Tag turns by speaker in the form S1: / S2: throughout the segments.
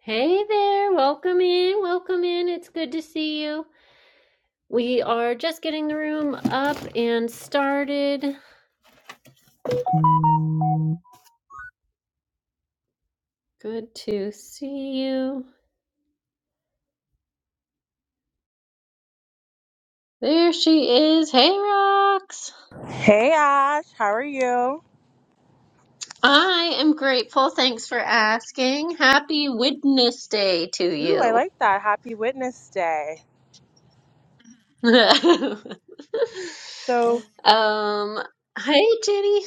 S1: Hey there, welcome in, welcome in. It's good to see you. We are just getting the room up and started. Good to see you. There she is. Hey, Rox.
S2: Hey Ash, how are you?
S1: I am grateful. Thanks for asking. Happy Witness Day to
S2: Ooh, I
S1: you.
S2: like that. Happy Witness Day. So,
S1: um, hey, Jenny.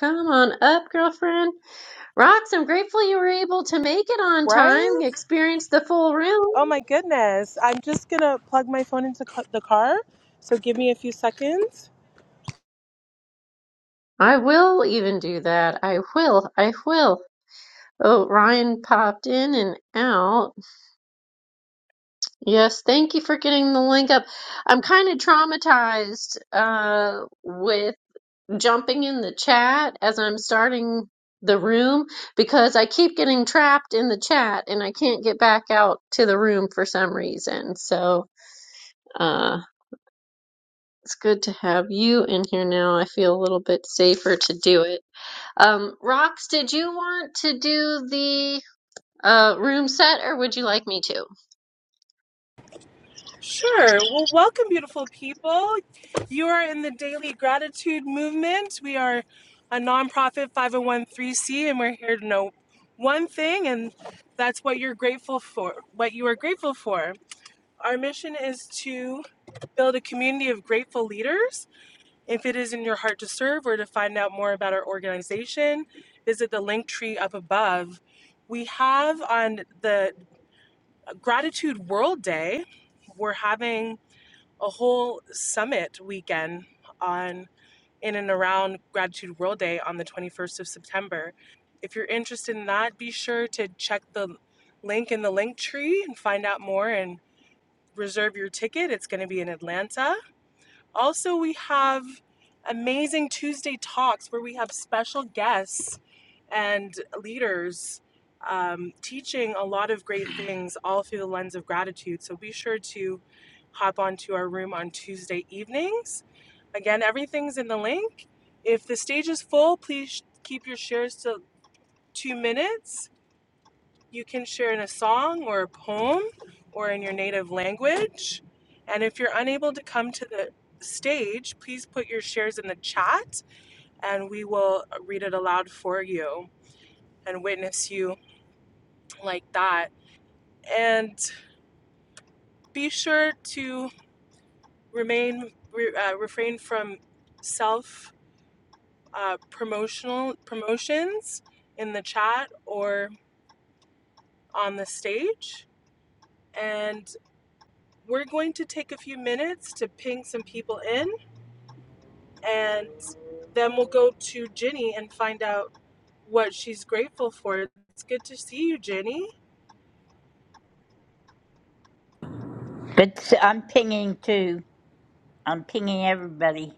S1: Come on up, girlfriend. Rox, I'm grateful you were able to make it on
S2: right?
S1: time, experience the full room.
S2: Oh my goodness. I'm just gonna plug my phone into ca- the car. So, give me a few seconds.
S1: I will even do that. I will. I will. Oh, Ryan popped in and out. Yes, thank you for getting the link up. I'm kind of traumatized uh, with jumping in the chat as I'm starting the room because I keep getting trapped in the chat and I can't get back out to the room for some reason. So. uh, It's good to have you in here now. I feel a little bit safer to do it. Um, Rox, did you want to do the uh room set or would you like me to?
S2: Sure. Well, welcome, beautiful people. You are in the Daily Gratitude Movement. We are a nonprofit 501c, and we're here to know one thing, and that's what you're grateful for, what you are grateful for. Our mission is to build a community of grateful leaders If it is in your heart to serve or to find out more about our organization, visit the link tree up above. We have on the Gratitude World Day, we're having a whole summit weekend on in and around Gratitude World Day on the 21st of September. If you're interested in that, be sure to check the link in the link tree and find out more and reserve your ticket. It's going to be in Atlanta also, we have amazing Tuesday talks where we have special guests and leaders um, teaching a lot of great things all through the lens of gratitude. So be sure to hop onto our room on Tuesday evenings. Again, everything's in the link. If the stage is full, please sh- keep your shares to two minutes you can share in a song or a poem or in your native language. And if you're unable to come to the stage, please put your shares in the chat and we will read it aloud for you and witness you like that. And be sure to remain re, uh, refrain from self uh, promotional promotions in the chat or on the stage. And We're going to take a few minutes to ping some people in, and then we'll go to Jenny and find out what she's grateful for. It's good to see you, Jenny.
S3: But s- I'm pinging too. I'm pinging everybody.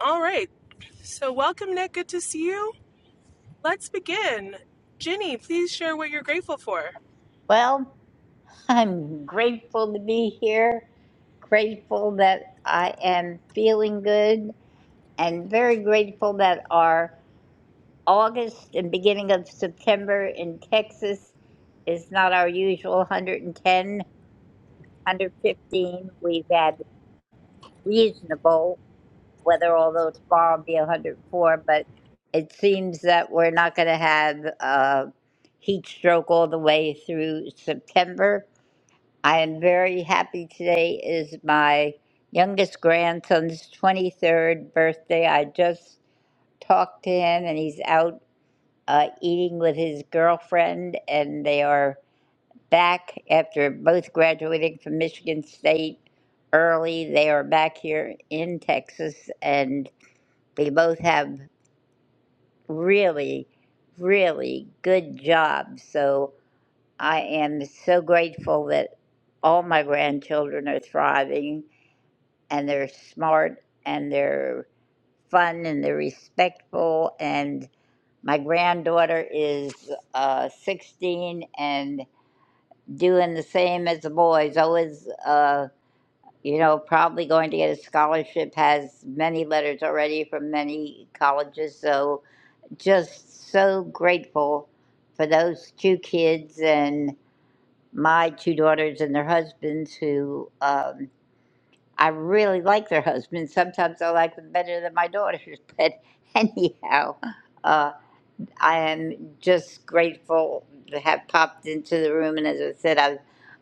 S2: All right. So, welcome, Nick. Good to see you. Let's begin. Jenny, please share what you're grateful for.
S3: Well, I'm grateful to be here, grateful that I am feeling good, and very grateful that our August and beginning of September in Texas is not our usual 110, 115. We've had reasonable weather, although tomorrow will be 104, but it seems that we're not going to have a heat stroke all the way through September. I am very happy today is my youngest grandson's 23rd birthday. I just talked to him and he's out uh, eating with his girlfriend and they are back after both graduating from Michigan State early. They are back here in Texas, and they both have really, really good jobs. So I am so grateful that all my grandchildren are thriving and they're smart and they're fun and they're respectful. And my granddaughter is uh, 16 and doing the same as the boys, always. Uh, you know, probably going to get a scholarship, has many letters already from many colleges. So, just so grateful for those two kids and my two daughters and their husbands who um, I really like their husbands. Sometimes I like them better than my daughters, but anyhow, uh, I am just grateful to have popped into the room. And as I said, I've,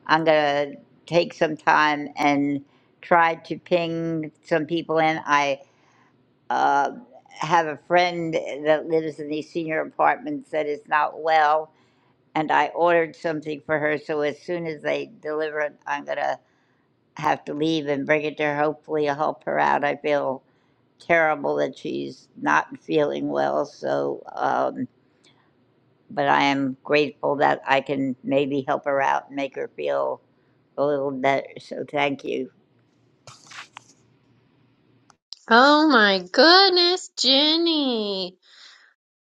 S3: I'm going to take some time and try to ping some people in. I uh, have a friend that lives in these senior apartments that is not well, and I ordered something for her. So as soon as they deliver it, I'm gonna have to leave and bring it to her. Hopefully, it'll help her out. I feel terrible that she's not feeling well. So, um, but I am grateful that I can maybe help her out and make her feel a little better. So thank you,
S1: Oh my goodness, Jenny.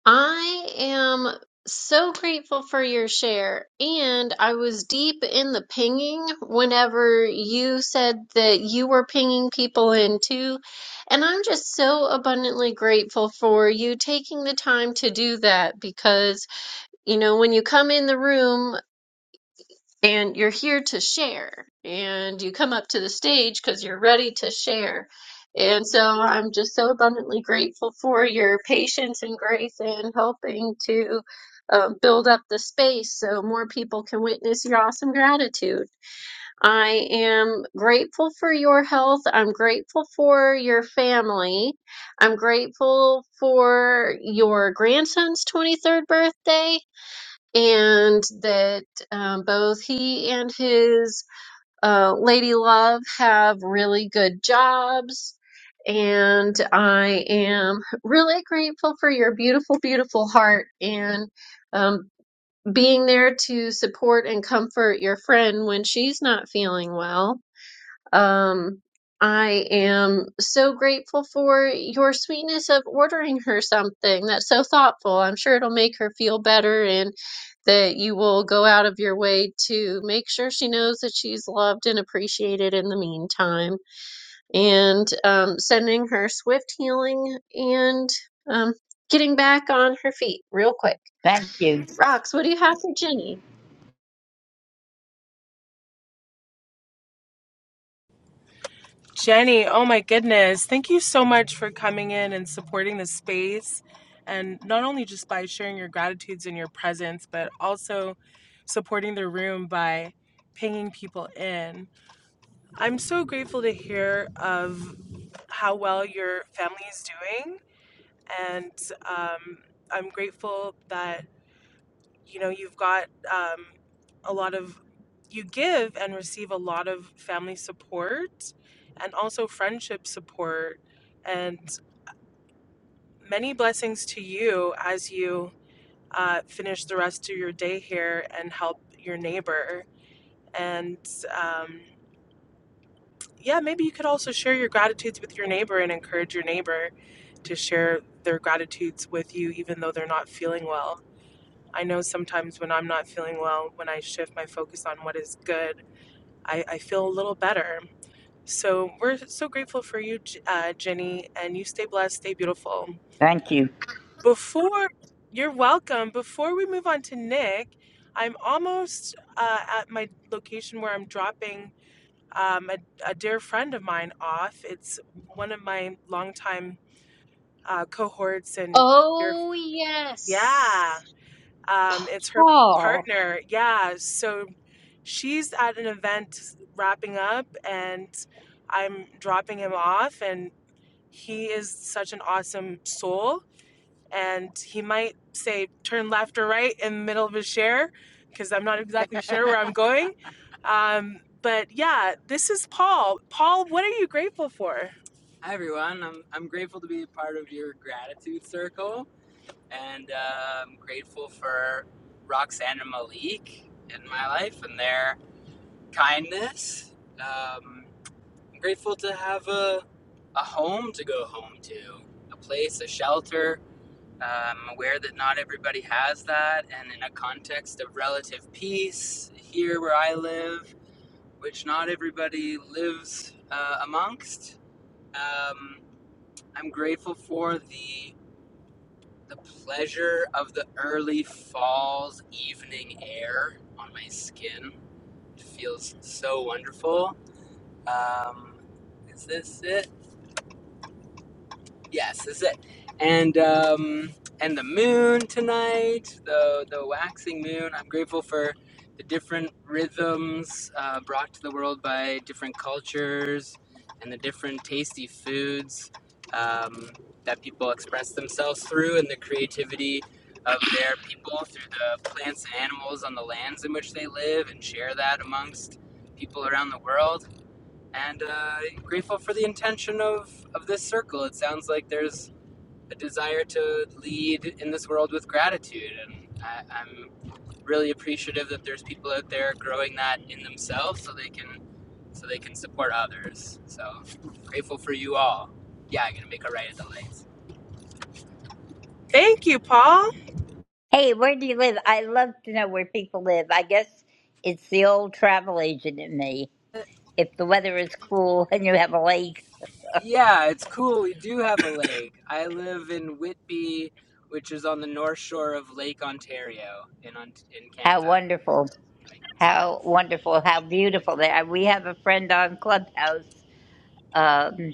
S1: I am so grateful for your share. And I was deep in the pinging whenever you said that you were pinging people in too. And I'm just so abundantly grateful for you taking the time to do that because you know, when you come in the room and you're here to share, and you come up to the stage because you're ready to share. And so I'm just so abundantly grateful for your patience and grace in helping to um, build up the space so more people can witness your awesome gratitude. I am grateful for your health. I'm grateful for your family. I'm grateful for your grandson's 23rd birthday and that um, both he and his uh, lady love have really good jobs. And I am really grateful for your beautiful, beautiful heart and um, being there to support and comfort your friend when she's not feeling well um, I am so grateful for your sweetness of ordering her something. That's so thoughtful. I'm sure it'll make her feel better and that you will go out of your way to make sure she knows that she's loved and appreciated in the meantime. And um, sending her swift healing and um, getting back on her feet real quick.
S3: thank you,
S1: Rox, what do you have for Jenny?
S2: Jenny, oh my goodness. Thank you so much for coming in and supporting the space. And not only just by sharing your gratitudes and your presence, but also supporting the room by pinging people in. I'm so grateful to hear of how well your family is doing, and um, I'm grateful that you know you've got um, a lot of you give and receive a lot of family support, and also friendship support, and many blessings to you as you uh, finish the rest of your day here and help your neighbor and. Um, yeah, maybe you could also share your gratitudes with your neighbor and encourage your neighbor to share their gratitudes with you, even though they're not feeling well. I know sometimes when I'm not feeling well, when I shift my focus on what is good, I, I feel a little better. So we're so grateful for you, J- uh, Jenny, and you stay blessed, stay beautiful.
S3: thank you.
S2: Before you're welcome, before we move on to Nick, I'm almost uh, at my location where I'm dropping um, a, a dear friend of mine off. It's one of my longtime uh, cohorts and dear,
S1: Oh, yes.
S2: yeah, um, it's her
S1: Oh.
S2: partner. Yeah, so she's at an event wrapping up, and I'm dropping him off, and he is such an awesome soul and he might say turn left or right in the middle of his share because I'm not exactly sure where I'm going. Um, but yeah, this is Paul. Paul, what are you grateful for? Hi everyone. I'm I'm grateful to be a part of your gratitude circle, and uh, I'm grateful for Roxanne and Malik in my life and their kindness. Um, I'm grateful to have a a home to go home to, a place, a shelter, I'm aware that not everybody has that, and in a context of relative peace here where I live, which not everybody lives uh, amongst, um, I'm grateful for the the pleasure of the early fall's evening air on my skin. It feels so wonderful. Um, is this it? Yes, that's it. And um, and the moon tonight, the the waxing moon. I'm grateful for the different rhythms uh, brought to the world by different cultures and the different tasty foods um, that people express themselves through, and the creativity of their people through the plants and animals on the lands in which they live, and share that amongst people around the world and uh, grateful for the intention of of this circle. It sounds like there's a desire to lead in this world with gratitude, and I, I'm really appreciative that there's people out there growing that in themselves, so they can so they can support others. So grateful for you all. Yeah, I'm gonna make a right at the legs. Thank you, Paul.
S3: Hey, where do you live? I love to know where people live. I guess it's the old travel agent in me. If the weather is cool and you have a lake,
S2: Yeah, it's cool. We do have a lake. I live in Whitby, which is on the north shore of Lake Ontario in in
S3: how
S2: Canada.
S3: wonderful. How wonderful. How beautiful they are. We have a friend on Clubhouse um,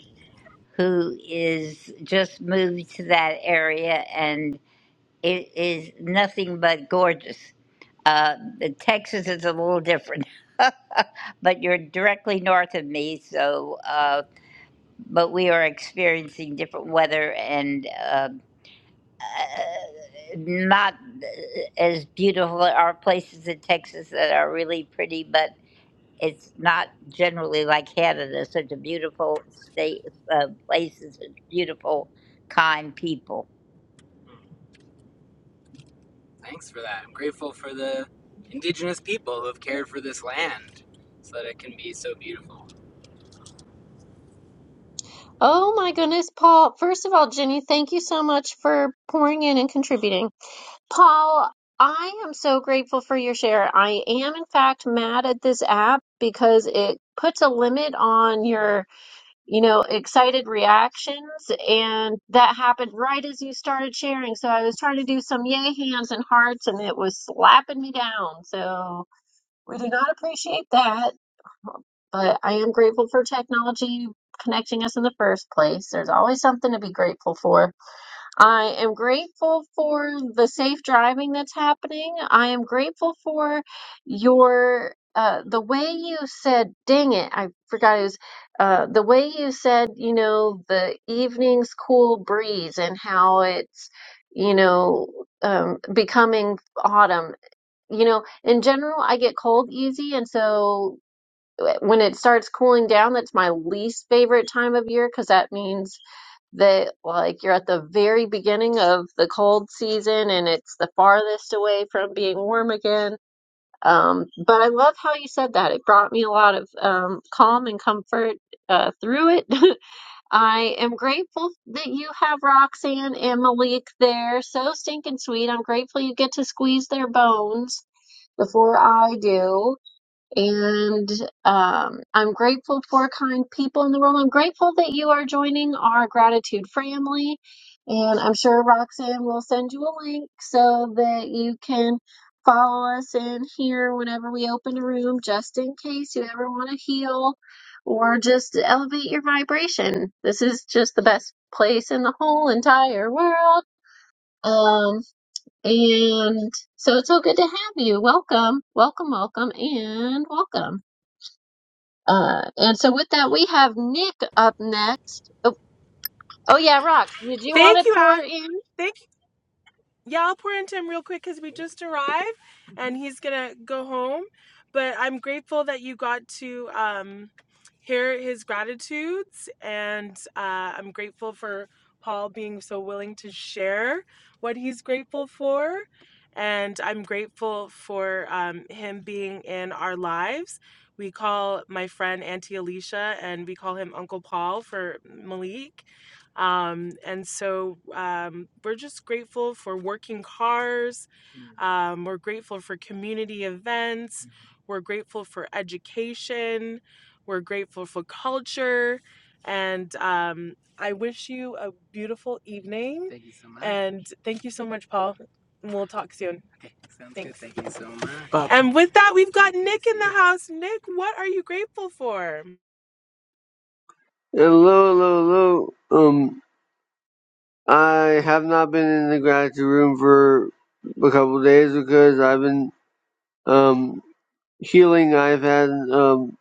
S3: who is just moved to that area and it is nothing but gorgeous. Uh, Texas is a little different, but you're directly north of me, so. Uh, but we are experiencing different weather and uh, not uh, as beautiful. There are places in Texas that are really pretty, but it's not generally like Canada. Such a beautiful state, uh, places, beautiful, kind people.
S2: Thanks for that. I'm grateful for the indigenous people who have cared for this land so that it can be so beautiful.
S1: Oh my goodness, Paul. First of all, Jenny, thank you so much for pouring in and contributing. Paul, I am so grateful for your share. I am, in fact, mad at this app because it puts a limit on your, you know, excited reactions. And that happened right as you started sharing. So I was trying to do some yay hands and hearts, and it was slapping me down. So we do not appreciate that. But I am grateful for technology connecting us in the first place. There's always something to be grateful for. I am grateful for the safe driving that's happening. I am grateful for your uh the way you said dang it i forgot it was uh the way you said you know the evening's cool breeze and how it's you know um becoming autumn you know in general i get cold easy and so when it starts cooling down, that's my least favorite time of year because that means that like you're at the very beginning of the cold season and it's the farthest away from being warm again. Um, but I love how you said that. It brought me a lot of um, calm and comfort uh, through it. I am grateful that you have Roxanne and Malik there. So stinking sweet. I'm grateful you get to squeeze their bones before I do. And um, I'm grateful for kind people in the world. I'm grateful that you are joining our gratitude family. And I'm sure Roxanne will send you a link so that you can follow us in here whenever we open a room, just in case you ever want to heal or just elevate your vibration. This is just the best place in the whole entire world. Um, and so it's so good to have you. Welcome, welcome, welcome, and welcome. Uh, and so with that, we have Nick up next. Oh, oh yeah, Rox, did you
S2: Thank
S1: want to
S2: you,
S1: pour
S2: Al.
S1: in?
S2: Thank yeah, I'll pour into him real quick because we just arrived and he's gonna go home. But I'm grateful that you got to um, hear his gratitudes, and uh, I'm grateful for Paul being so willing to share what he's grateful for. And I'm grateful for um, him being in our lives. We call my friend Auntie Alicia and we call him Uncle Paul for Malik um, and so um, we're just grateful for working cars. Um, we're grateful for community events. We're grateful for education. We're grateful for culture. And um, I wish you a beautiful evening. Thank you so much. And thank you so much, Paul. And we'll talk soon. Okay, sounds Thanks. good. Thank you so much. Bye. And with that, we've got Nick in the house. Nick, what are you grateful for?
S4: Uh, Hello, hello, hello. Um, I have not been in the gratitude room for a couple of days because I've been um healing. I've had um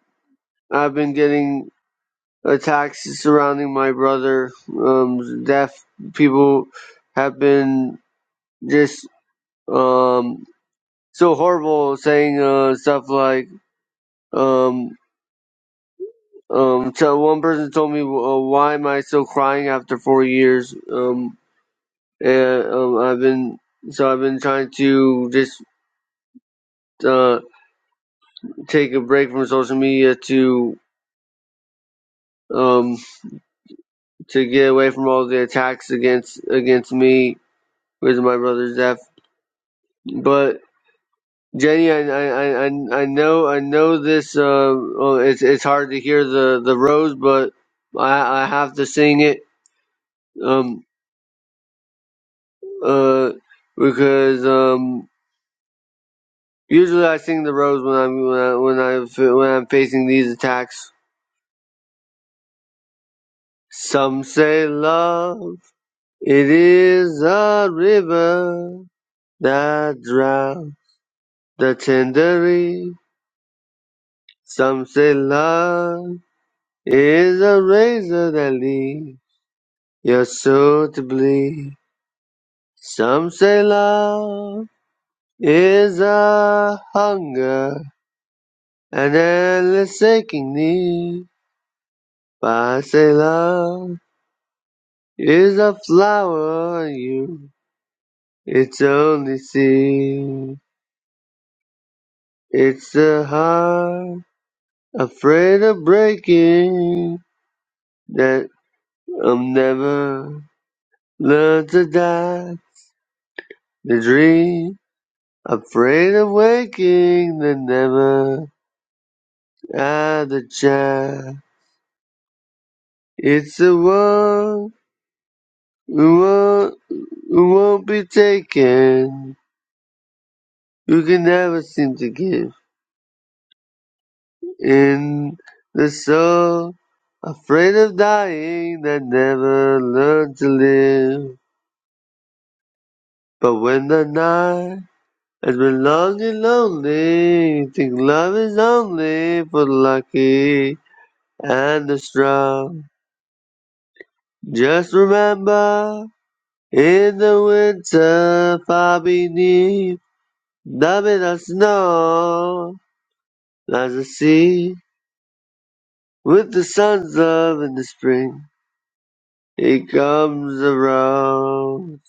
S4: I've been getting attacks surrounding my brother. Um, deaf people have been just um so horrible, saying uh stuff like um. Um, so one person told me, uh, "Why am I still crying after four years?" Um. And um, I've been so I've been trying to just uh, take a break from social media to um, to get away from all the attacks against against me with my brother's death. But Jenny, I I, I, I know I know this. Uh, well, it's it's hard to hear the the rose, but I I have to sing it. Um uh because um usually I sing the rose when I'm when I when I when I'm facing these attacks Some say love, it is a river that drowns the tenderly. Some say love is a razor that leaves your soul to bleed. Some say love is a hunger, an endless aching need. But I say love is a flower on you, its only seed. It's a heart afraid of breaking that I'll never learn to die. The dream afraid of waking that never had a child. It's the one who won't, who won't be taken, who can never seem to give. In the soul afraid of dying that never learned to live. But when the night has been long and lonely, you think love is only for the lucky and the strong. Just remember, in the winter far beneath the bitter snow, lies a sea with the sun's love in the spring. It comes around.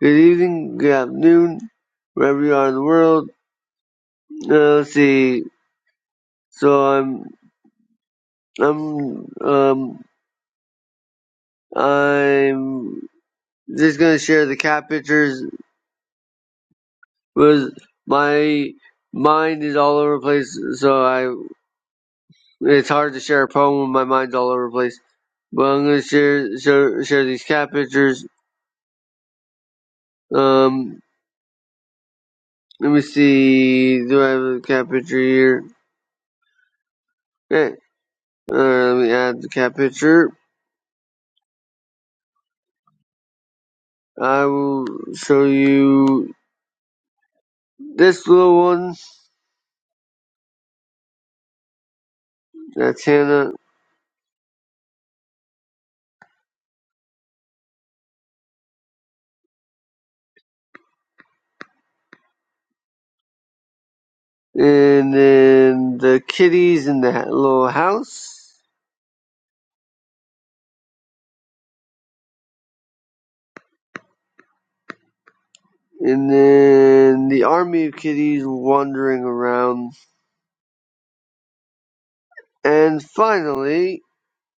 S4: Good evening, good afternoon, wherever you are in the world. Uh, let's see. So I'm I'm um I'm just gonna share the cat pictures Was my mind is all over the place, so I it's hard to share a poem when my mind's all over the place. But I'm gonna share share, share these cat pictures. Um, let me see. Do I have a cat picture here? Okay. Uh, let me add the cat picture. I will show you this little one. That's Hannah. and then the kitties in the little house, and then the army of kitties wandering around, and finally,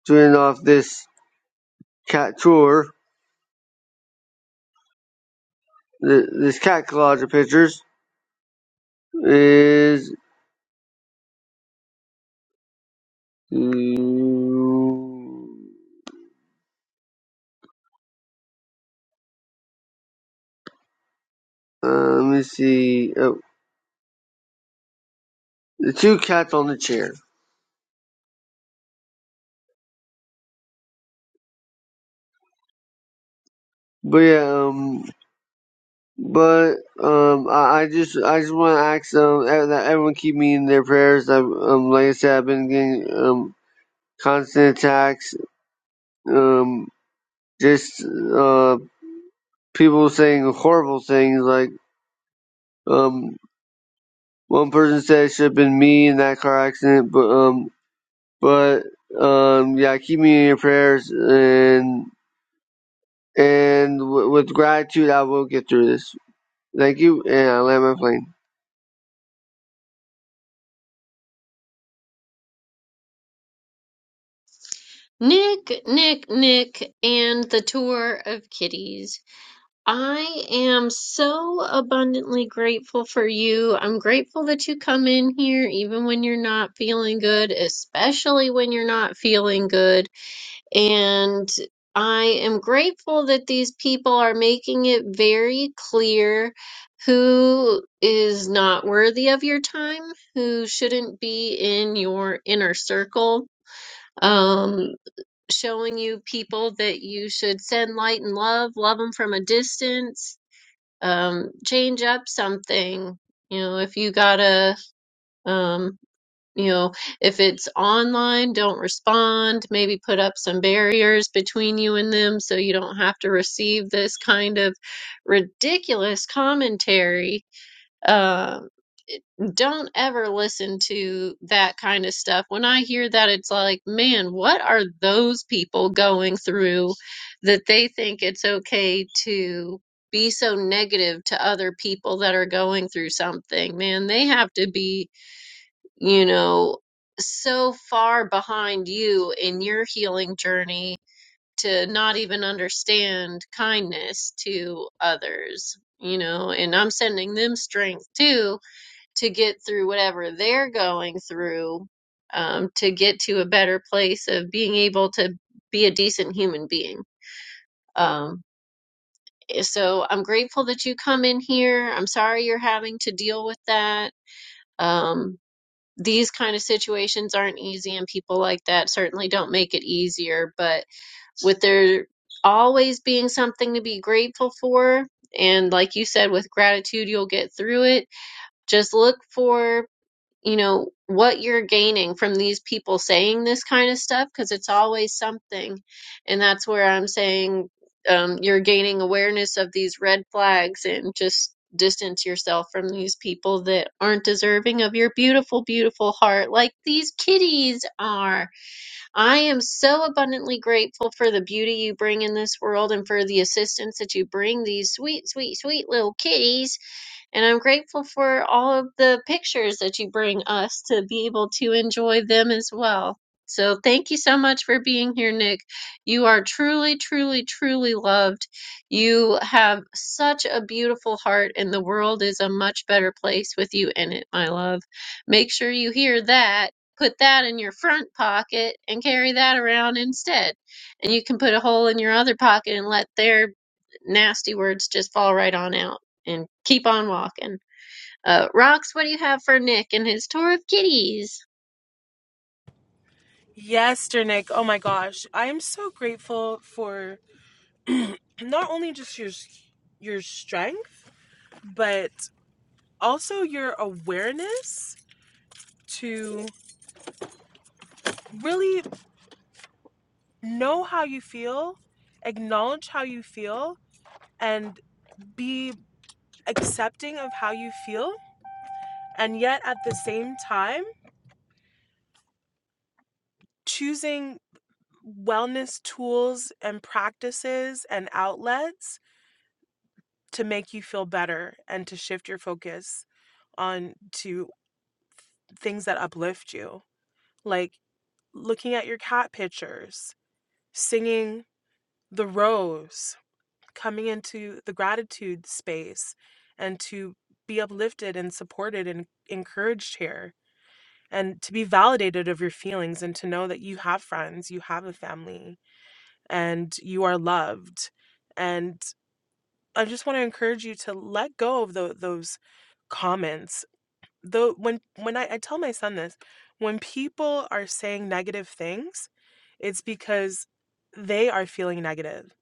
S4: to end off this cat tour, th- this cat collage of pictures is. mm, Uh, let me see. Oh, the two cats on the chair. But yeah, um. But um, I, I just I just want to ask um ev- that everyone keep me in their prayers. i um, like I said, I've been getting um constant attacks. Um, just uh people saying horrible things. Like um, one person said it should have been me in that car accident. But um, but um, yeah, keep me in your prayers. And and w- with gratitude, I will get through this. Thank you, and I land my plane.
S1: Nick, Nick, Nick, and the tour of kitties. I am so abundantly grateful for you. I'm grateful that you come in here even when you're not feeling good, especially when you're not feeling good. And I am grateful that these people are making it very clear who is not worthy of your time, who shouldn't be in your inner circle. Um, showing you people that you should send light and love, love them from a distance, um, change up something. You know, if you gotta, um, you know, if it's online, don't respond. Maybe put up some barriers between you and them so you don't have to receive this kind of ridiculous commentary. Uh, don't ever listen to that kind of stuff. When I hear that, it's like, man, what are those people going through that they think it's okay to be so negative to other people that are going through something? Man, they have to be you know, so far behind you in your healing journey to not even understand kindness to others, you know, and I'm sending them strength too to get through whatever they're going through, um, to get to a better place of being able to be a decent human being. Um, eh, so I'm grateful that you come in here. I'm sorry you're having to deal with that. Um, these kind of situations aren't easy and people like that certainly don't make it easier but with there always being something to be grateful for and like you said with gratitude you'll get through it just look for you know, what you're gaining from these people saying this kind of stuff because it's always something. And that's where I'm saying um, you're gaining awareness of these red flags and just distance yourself from these people that aren't deserving of your beautiful, beautiful heart like these kitties are. I am so abundantly grateful for the beauty you bring in this world and for the assistance that you bring these sweet, sweet, sweet little kitties and I'm grateful for all of the pictures that you bring us to be able to enjoy them as well. So thank you so much for being here, Nick. You are truly, truly, truly loved. You have such a beautiful heart, and the world is a much better place with you in it, my love. Make sure you hear that. Put that in your front pocket and carry that around instead. And you can put a hole in your other pocket and let their nasty words just fall right on out and keep on walking. Uh, Rox, what do you have for Nick and his tour of kitties?
S2: Yes, dear Nick. Oh my gosh. I am so grateful for not only just your your strength, but also your awareness to really know how you feel, acknowledge how you feel, and be accepting of how you feel, and yet at the same time choosing wellness tools and practices and outlets to make you feel better and to shift your focus on to things that uplift you, like looking at your cat pictures, singing the rose, coming into the gratitude space, and to be uplifted and supported and encouraged here, and to be validated of your feelings, and to know that you have friends, you have a family, and you are loved. And I just want to encourage you to let go of tho- those comments though when when I, I tell my son this when people are saying negative things it's because they are feeling negative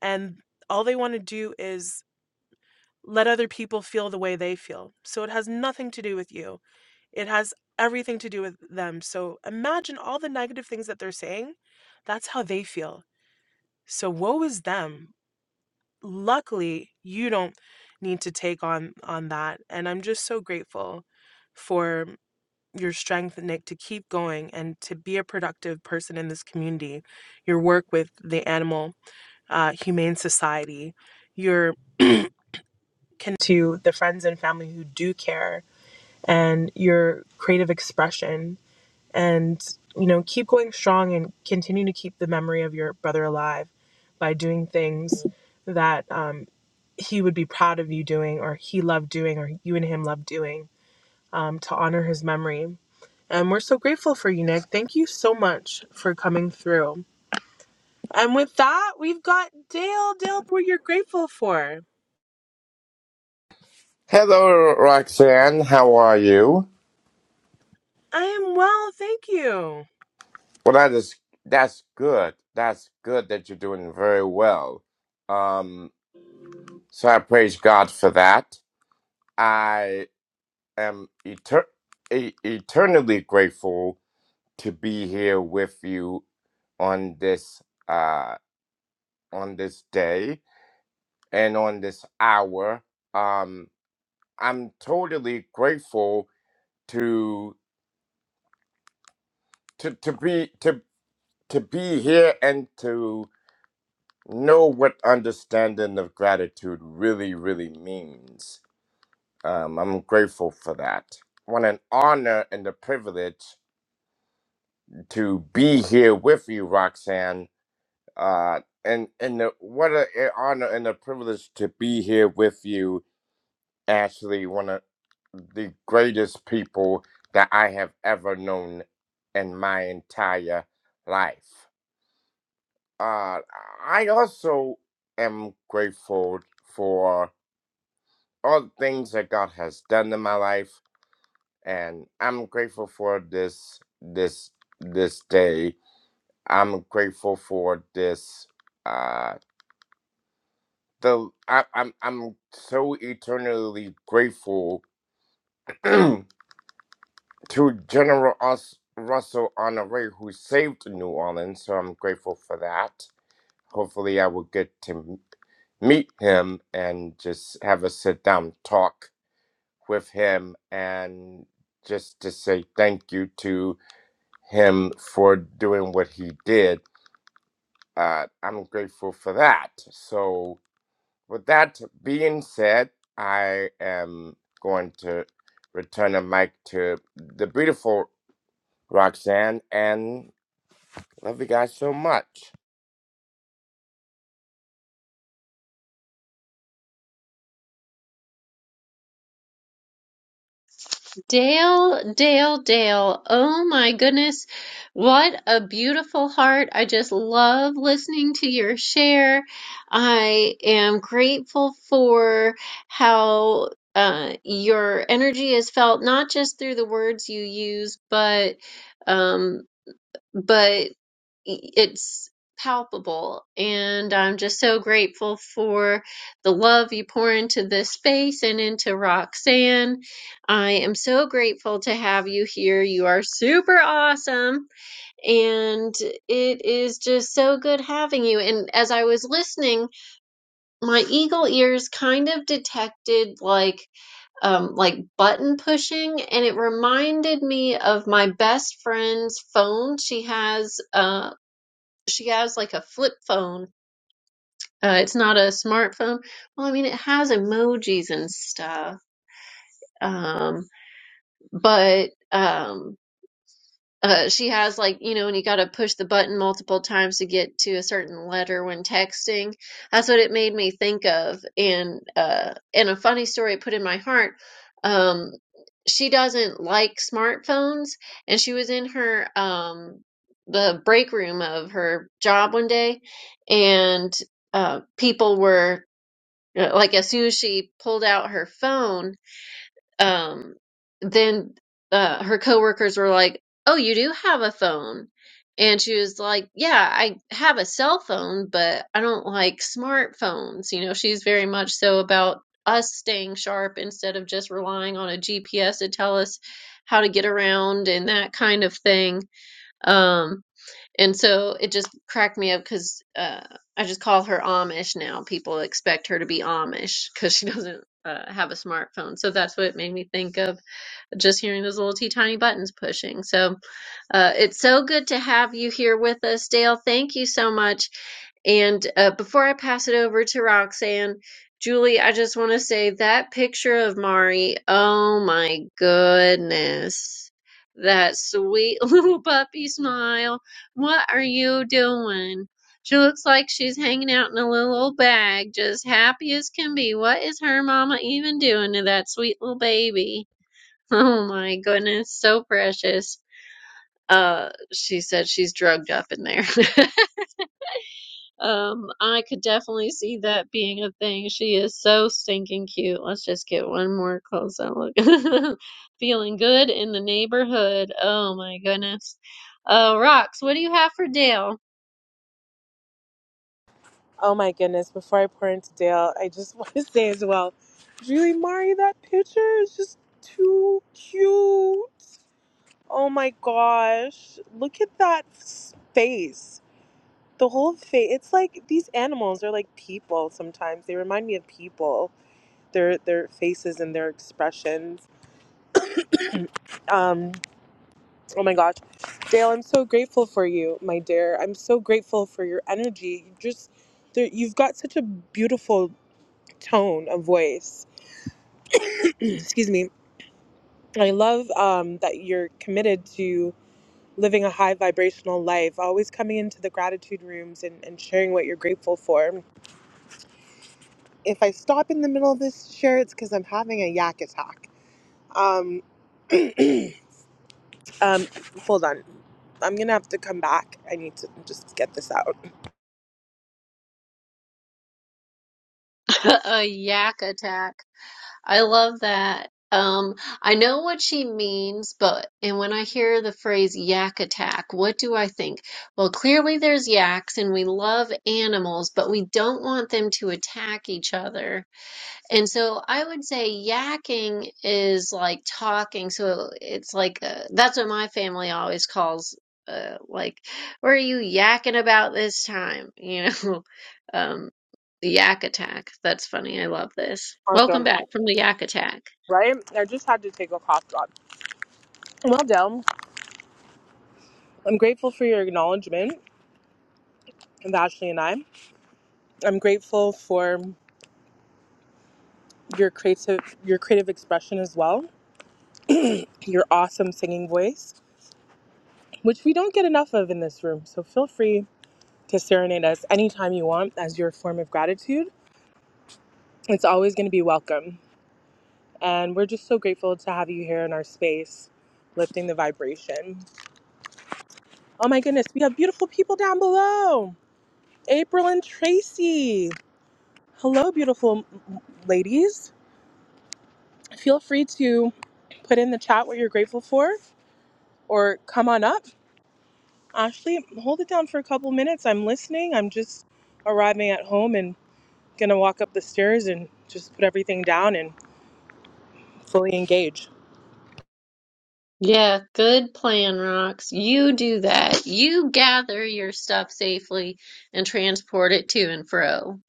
S2: and all they want to do is let other people feel the way they feel so it has nothing to do with you it has everything to do with them so imagine all the negative things that they're saying that's how they feel so woe is them luckily you don't need to take on on that and i'm just so grateful for your strength, Nick, to keep going and to be a productive person in this community. Your work with the Animal uh, Humane Society, your connection to the friends and family who do care, and your creative expression, and you know, keep going strong and continue to keep the memory of your brother alive by doing things that um, he would be proud of you doing, or he loved doing, or you and him loved doing um, to honor his memory And we're so grateful for you, Nick. Thank you so much for coming through. And with that, we've got Dale. Dale, what you're grateful for?
S5: Hello, Roxanne. How are you?
S2: I am well, thank you.
S5: Well, that is that's good. That's good that you're doing very well. Um, so I praise God for that. I am eter- e- eternally grateful to be here with you on this uh on this day and on this hour. Um, I'm totally grateful to to to be to to be here and to know what understanding of gratitude really, really means. Um, I'm grateful for that. What an honor and a privilege to be here with you, Roxanne. Uh, and and the, what an honor and a privilege to be here with you, Ashley, one of the greatest people that I have ever known in my entire life. Uh, I also am grateful for. all the things that God has done in my life, and I'm grateful for this this this day. I'm grateful for this. Uh, the I, I'm I'm so eternally grateful to General Us, Russell Honoré who saved New Orleans. So I'm grateful for that. Hopefully, I will get to m- meet him and just have a sit down talk with him and just to say thank you to him for doing what he did. Uh, I'm grateful for that. So, with that being said, I am going to return the mic to the beautiful Roxanne and love you guys so much.
S1: Dale, Dale, Dale. Oh my goodness. What a beautiful heart. I just love listening to your share. I am grateful for how. Uh, your energy is felt not just through the words you use, but um, but it's palpable and i'm just so grateful for the love you pour into this space and into roxanne i am so grateful to have you here you are super awesome and it is just so good having you and as i was listening my eagle ears kind of detected like um like button pushing and it reminded me of my best friend's phone she has uh she has like a flip phone. Uh, it's not a smartphone. Well, I mean, it has emojis and stuff. Um, but um, Uh, she has like, you know, when you gotta push the button multiple times to get to a certain letter when texting. That's what it made me think of. And uh, and a funny story it put in my heart. Um, she doesn't like smartphones, and she was in her um the break room of her job one day, and uh, people were uh, like, as soon as she pulled out her phone um, then uh, her coworkers were like, "Oh, you do have a phone," and she was like, "Yeah, I have a cell phone, but I don't like smartphones." You know, she's very much so about us staying sharp instead of just relying on a GPS to tell us how to get around and that kind of thing. Um, and so it just cracked me up because uh, I just call her Amish now. People expect her to be Amish because she doesn't uh, have a smartphone. So that's what it made me think of just hearing those little teeny tiny buttons pushing. So uh, it's so good to have you here with us, Dale. Thank you so much. And uh, before I pass it over to Roxanne, Julie, I just want to say that picture of Mari, oh my goodness. That sweet little puppy smile. What are you doing? She looks like she's hanging out in a little old bag, just happy as can be. What is her mama even doing to that sweet little baby? Oh my goodness, so precious. Uh, she said she's drugged up in there. Um, I could definitely see that being a thing. She is so stinking cute. Let's just get one more close up look. Feeling good in the neighborhood. Oh my goodness. Uh, Rox, what do you have for Dale?
S2: Oh my goodness, before I pour into Dale, I just want to say as well, Julie Mari, that picture is just too cute. Oh my gosh. Look at that s- face. The whole face. It's like these animals are like people sometimes. They remind me of people. Their their faces and their expressions Um, oh my gosh. Dale, I'm so grateful for you, my dear. I'm so grateful for your energy. You just there, you've got such a beautiful tone of voice. Excuse me. I love um, that you're committed to living a high vibrational life, always coming into the gratitude rooms and, and sharing what you're grateful for. If I stop in the middle of this share, it's because I'm having a yak attack. Um, um, hold on. I'm going to have to come back. I need to just get this out.
S1: A yak attack. I love that. Um, I know what she means, but and when I hear the phrase yak attack, what do I think? Well, clearly there's yaks and we love animals, but we don't want them to attack each other. And so I would say yakking is like talking. So it's like uh that's what my family always calls uh, like, what are you yakking about this time? You know, um, the yak attack. That's funny. I love this. Welcome
S2: Awesome.
S1: back from the yak attack.
S2: Right? I just had to take a cough drop. Well, Dell, I'm grateful for your acknowledgement of Ashley and I. I'm grateful for your creative your creative expression as well. Your awesome singing voice, which we don't get enough of in this room. So feel free to serenade us anytime you want as your form of gratitude. It's always going to be welcome. And we're just so grateful to have you here in our space, lifting the vibration. Oh my goodness, we have beautiful people down below April and Tracy. Hello, beautiful m- ladies. Feel free to put in the chat what you're grateful for or come on up. Ashley, hold it down for a couple minutes. I'm listening. I'm just arriving at home and gonna walk up the stairs and just put everything down and fully engage.
S1: Yeah, good plan, Rocks. You do that. You gather your stuff safely and transport it to and fro.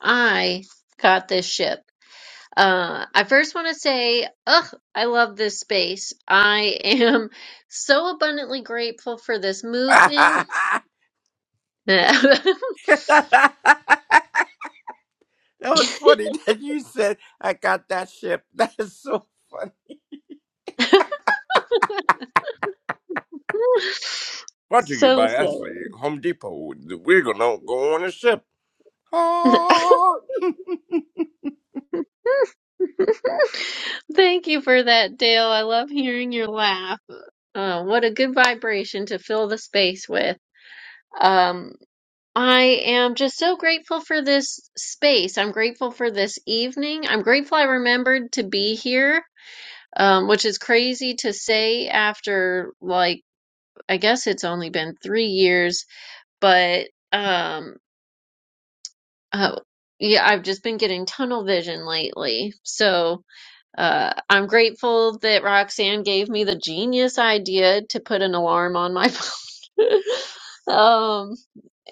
S1: I got this ship. Uh, I first want to say, ugh, I love this space. I am so abundantly grateful for this movement.
S5: that was funny that you said I got that ship. That is so funny. Brought to you
S1: so
S5: by Ashley,
S1: silly.
S5: Home Depot. We're gonna go on a ship. Ah.
S1: Thank you for that, Dale. I love hearing your laugh. Uh, what a good vibration to fill the space with. Um, I am just so grateful for this space. I'm grateful for this evening. I'm grateful I remembered to be here. um, which is crazy to say after like I guess it's only been three years, but um, uh, yeah, I've just been getting tunnel vision lately. So uh, I'm grateful that Roxanne gave me the genius idea to put an alarm on my phone. um,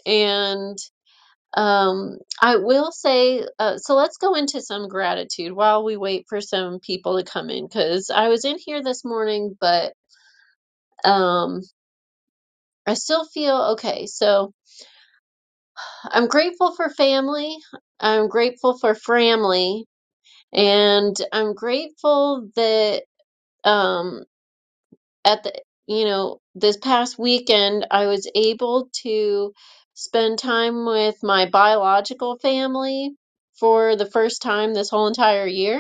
S1: and um, I will say, uh, so let's go into some gratitude while we wait for some people to come in because I was in here this morning, but um, I still feel okay. So I'm grateful for family. I'm grateful for family. And I'm grateful that um, at the, you know, this past weekend, I was able to spend time with my biological family for the first time this whole entire year.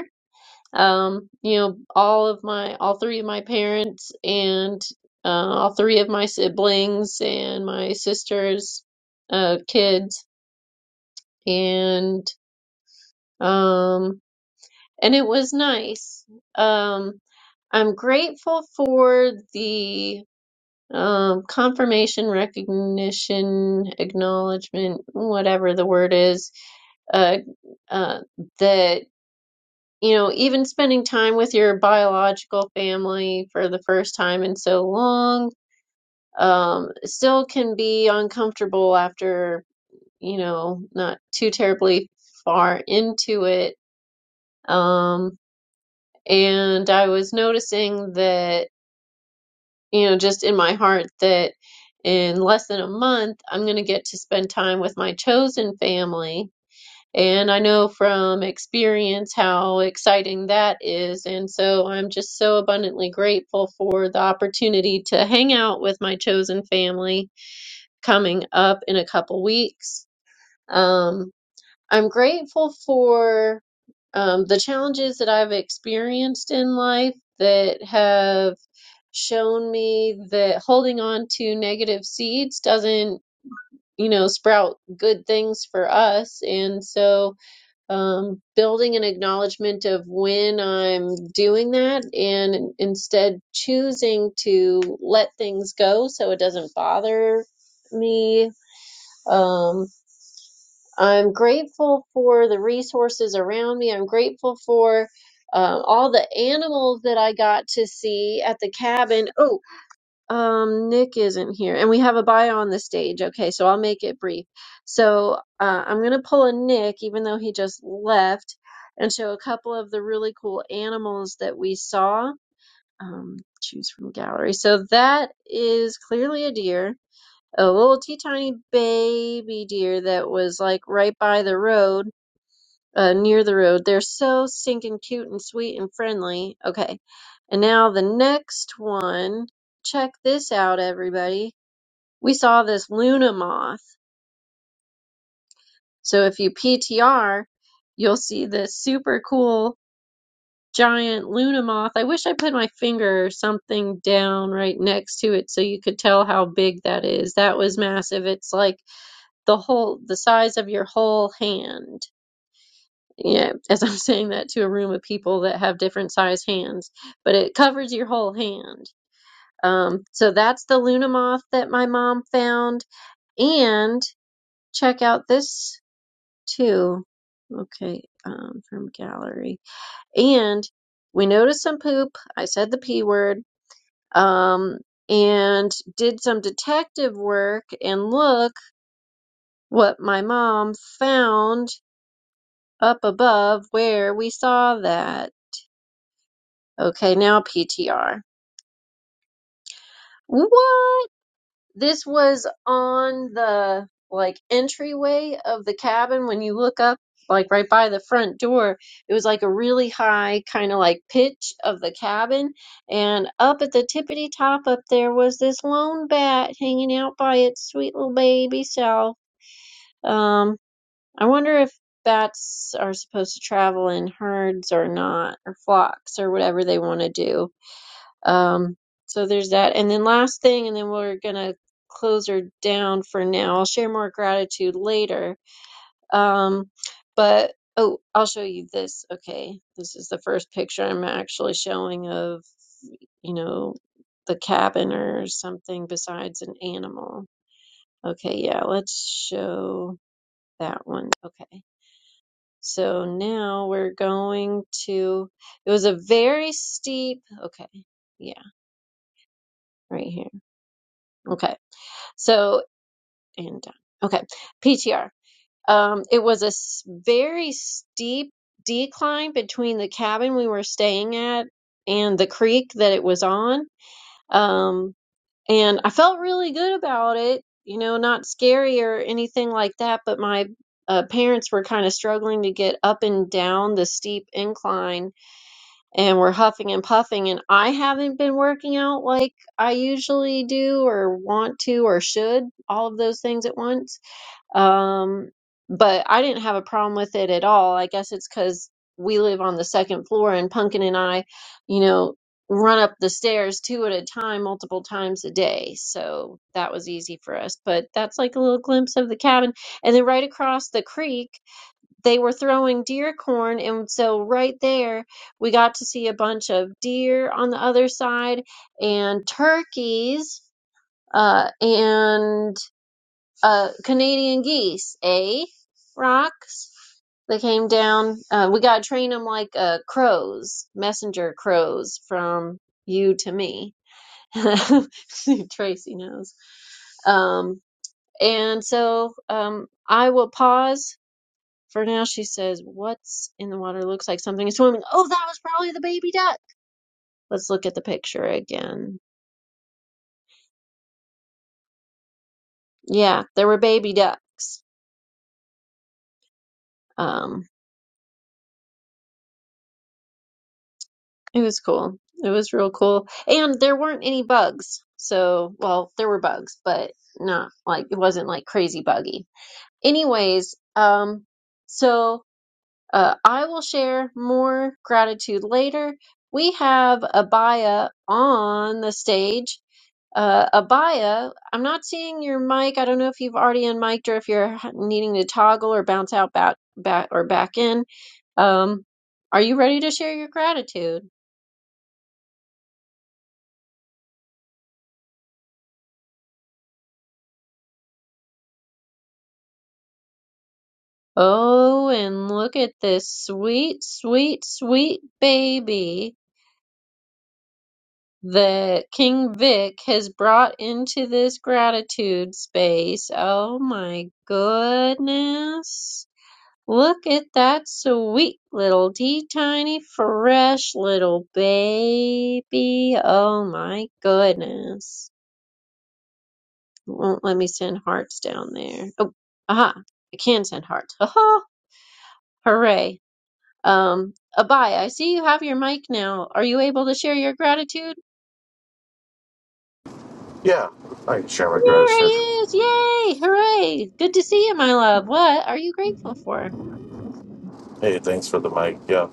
S1: um, you know, all of my, all three of my parents and uh, all three of my siblings and my sister's uh, kids, and um, and it was nice. Um, I'm grateful for the um, confirmation, recognition, acknowledgement, whatever the word is, uh, uh, that. you know, even spending time with your biological family for the first time in so long, um, still can be uncomfortable after, you know, not too terribly far into it. Um, and I was noticing that, you know, just in my heart that in less than a month, I'm going to get to spend time with my chosen family And I know from experience how exciting that is. And so I'm just so abundantly grateful for the opportunity to hang out with my chosen family coming up in a couple weeks. Um, I'm grateful for um, the challenges that I've experienced in life that have shown me that holding on to negative seeds doesn't, you know, sprout good things for us. And so um, building an acknowledgement of when I'm doing that and instead choosing to let things go so it doesn't bother me. Um, I'm grateful for the resources around me. I'm grateful for uh, all the animals that I got to see at the cabin. Oh. Um, Nick isn't here, and we have a bio on the stage. Okay, so I'll make it brief. So uh, I'm gonna pull a Nick, even though he just left, and show a couple of the really cool animals that we saw. Um, choose from gallery. So that is clearly a deer, a little teeny tiny baby deer that was like right by the road uh, near the road. They're so stinking cute and sweet and friendly. Okay. And now the next one. Check this out, everybody. We saw this Luna moth. So if you PTR, you'll see this super cool giant Luna moth. I wish I put my finger or something down right next to it so you could tell how big that is. That was massive. It's like the whole, the size of your whole hand Yeah, as I'm saying that to a room of people that have different size hands, but it covers your whole hand. Um, so that's the Luna moth that my mom found. And check out this too. Okay, um, from gallery. And we noticed some poop. I said the P word. Um, and did some detective work and look what my mom found up above where we saw that. Okay, now PTR. What? This was on the like entryway of the cabin when you look up, like right by the front door. It was like a really high kind of like pitch of the cabin, and up at the tippity top up there was this lone bat hanging out by its sweet little baby self. Um, I wonder if bats are supposed to travel in herds or not, or flocks or whatever they want to do Um, so there's that. And then last thing, and then we're gonna close her down for now. I'll share more gratitude later. Um, but oh, I'll show you this. Okay, this is the first picture I'm actually showing of, you know, the cabin or something besides an animal. Okay, yeah, let's show that one. Okay. So now we're going to, it was a very steep, okay, yeah, right here. Okay. so. and done. Okay, PTR. Um, it was a s- very steep decline between the cabin we were staying at and the creek that it was on. Um, and I felt really good about it, you know, not scary or anything like that, but my uh, parents were kind of struggling to get up and down the steep incline and were huffing and puffing. And I haven't been working out like I usually do or want to or should, all of those things at once um, but I didn't have a problem with it at all. I guess it's because we live on the second floor and Punkin and I, you know, run up the stairs two at a time, multiple times a day. So that was easy for us. But that's like a little glimpse of the cabin. And then right across the creek, they were throwing deer corn. And so right there, we got to see a bunch of deer on the other side and turkeys. Uh, and uh, Canadian geese, eh? Rocks. They came down. Uh, we gotta train them like uh, crows, messenger crows from you to me. Tracy knows. Um, and so um, I will pause. For now, she says, "What's in the water? Looks like something is swimming." Oh, that was probably the baby duck. Let's look at the picture again. Yeah, there were baby ducks. Um, It was cool. It was real cool. And there weren't any bugs. So, well, there were bugs, but not like it wasn't like crazy buggy. Anyways, um, so uh, I will share more gratitude later. We have Abaya on the stage. Uh, Abaya, I'm not seeing your mic. I don't know if you've already unmiked or if you're h- needing to toggle or bounce out back, back or back in. Um, are you ready to share your gratitude? Oh, and look at this sweet, sweet, sweet baby that King Vic has brought into this gratitude space. Oh my goodness. Look at that sweet little tea tiny fresh little baby. Oh my goodness. It won't let me send hearts down there. Oh, aha. I can send hearts. Ha Hooray. Um, Abai, I see you have your mic now. Are you able to share your gratitude?
S6: Yeah, I can share my
S1: There he
S6: gratitude.
S1: is! Yay! Hooray! Good to see you, my love. What are you grateful for?
S6: Hey, thanks for the mic. Yeah,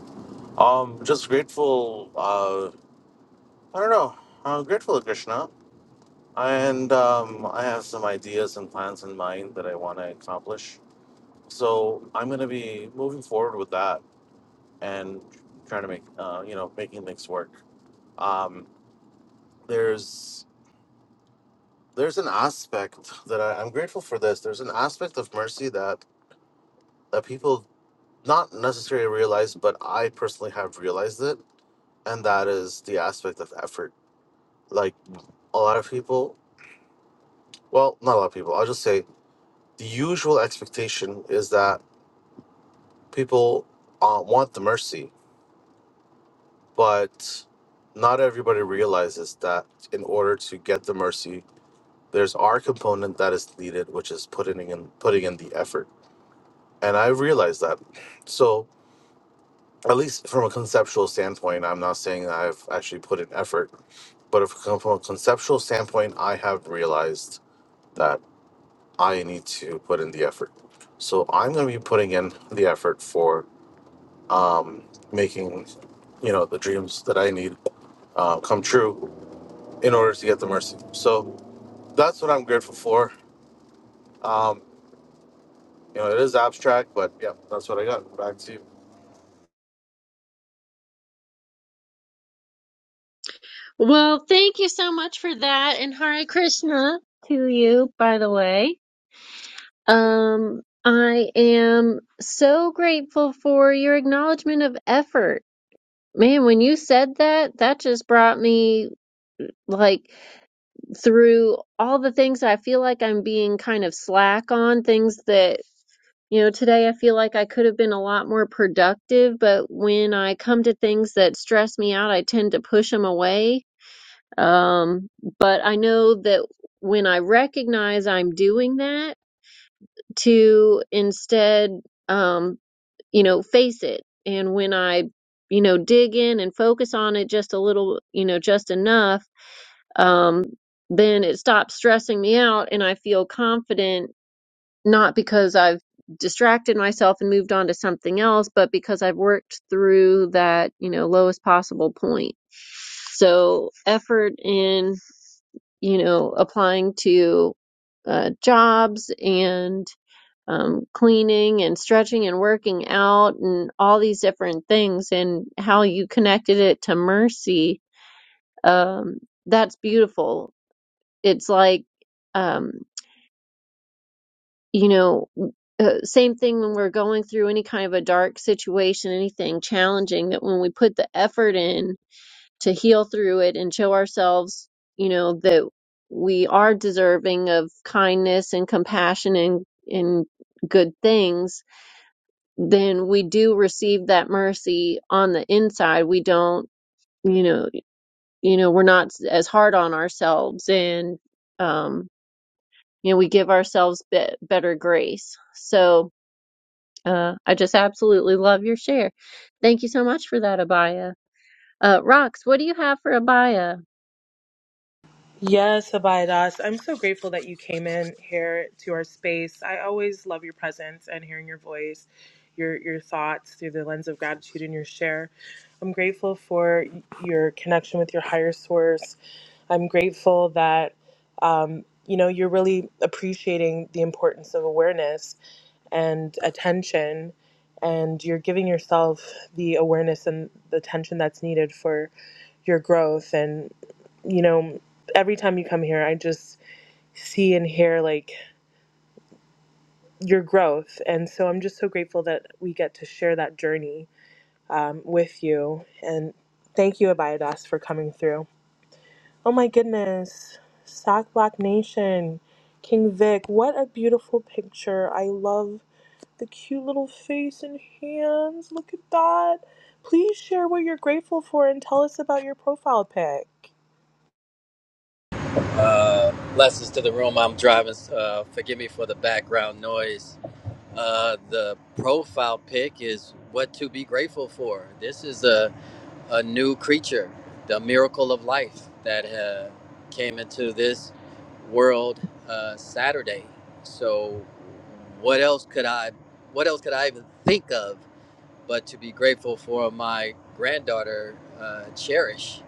S6: um, just grateful. Uh, I don't know. I'm grateful to Krishna, and um, I have some ideas and plans in mind that I want to accomplish. So I'm going to be moving forward with that and trying to make, uh, you know, making things work. Um, there's there's an aspect that I, I'm grateful for. This there's an aspect of mercy that that people not necessarily realize, but I personally have realized it and that is the aspect of effort. Like a lot of people, well, not a lot of people. I'll just say the usual expectation is that people uh, want the mercy, but not everybody realizes that in order to get the mercy, there's our component that is needed, which is putting in putting in the effort. And I realized that. So at least from a conceptual standpoint, I'm not saying that I've actually put in effort, but if, from a conceptual standpoint, I have realized that. I need to put in the effort. So I'm going to be putting in the effort for making, you know, the dreams that I need uh, come true in order to get the mercy. So that's what I'm grateful for. You know, it is abstract, but yeah, that's what I got. Back to you.
S1: Well, thank you so much for that, and Hare Krishna to you, by the way. Um, I am so grateful for your acknowledgement of effort. Man, when you said that, that just brought me like through all the things I feel like I'm being kind of slack on, things that You know, today I feel like I could have been a lot more productive, but when I come to things that stress me out, I tend to push them away. Um, but I know that when I recognize I'm doing that, to instead, um, you know, face it. And when I, you know, dig in and focus on it just a little, you know, just enough, um, then it stops stressing me out and I feel confident not because I've distracted myself and moved on to something else, but because I've worked through that, you know, lowest possible point. So effort in, you know, applying to uh, jobs and um, cleaning and stretching and working out and all these different things and how you connected it to mercy. Um, that's beautiful. It's like, um, you know, uh, same thing when we're going through any kind of a dark situation, anything challenging, that when we put the effort in to heal through it and show ourselves, you know, that we are deserving of kindness and compassion and, and good things, then we do receive that mercy on the inside. We don't, you know, you know, we're not as hard on ourselves and, um, you know, we give ourselves be- better grace. So, Uh, I just absolutely love your share. Thank you so much for that, Abaya. Uh, Rox, what do you have for Abaya?
S2: Yes, Abidas. I'm so grateful that you came in here to our space. I always love your presence and hearing your voice, your your thoughts through the lens of gratitude and your share. I'm grateful for your connection with your higher source. I'm grateful that um, you know you're really appreciating the importance of awareness and attention and you're giving yourself the awareness and the attention that's needed for your growth and you know every time you come here i just see and hear like your growth and so i'm just so grateful that we get to share that journey um, with you and thank you abiadas for coming through oh my goodness sack black nation king vic what a beautiful picture i love the cute little face and hands. Look at that. Please share what you're grateful for and tell us about your profile pic.
S7: Blessings to the room. I'm driving. Uh, forgive me for the background noise. Uh, the profile pic is what to be grateful for. This is a, a new creature, the miracle of life that uh, came into this world uh, Saturday. So, what else could I, what else could I even think of but to be grateful for my granddaughter, uh, Cherish?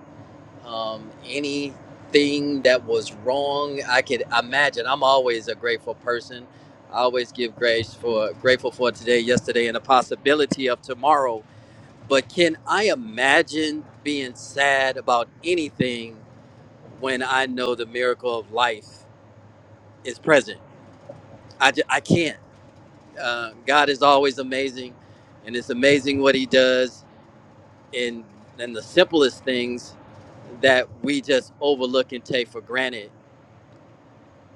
S7: um, anything that was wrong. I could imagine. I'm always a grateful person. I always give grace for grateful for today, yesterday, and the possibility of tomorrow. But can I imagine being sad about anything when I know the miracle of life is present? I, ju- I can't. Uh, God is always amazing, and it's amazing what He does in in the simplest things that we just overlook and take for granted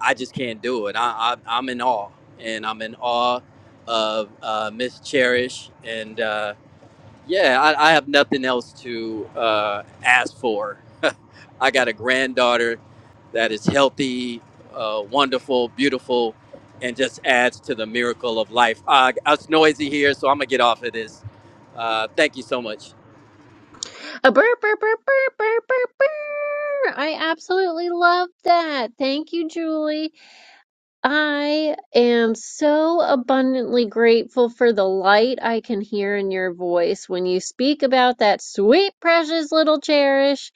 S7: I just can't do it. I, I I'm in awe, and I'm in awe of uh, Miss Cherish, and uh, yeah, I, I have nothing else to uh, ask for. I got a granddaughter that is healthy, uh, wonderful, beautiful, and just adds to the miracle of life. Uh, it's noisy here, so I'm gonna get off of this. Uh, thank you so much.
S1: A burr, burr, burr, burr, burr, burr, burr. I absolutely love that. Thank you, Julie. I am so abundantly grateful for the light I can hear in your voice when you speak about that sweet, precious little cherish.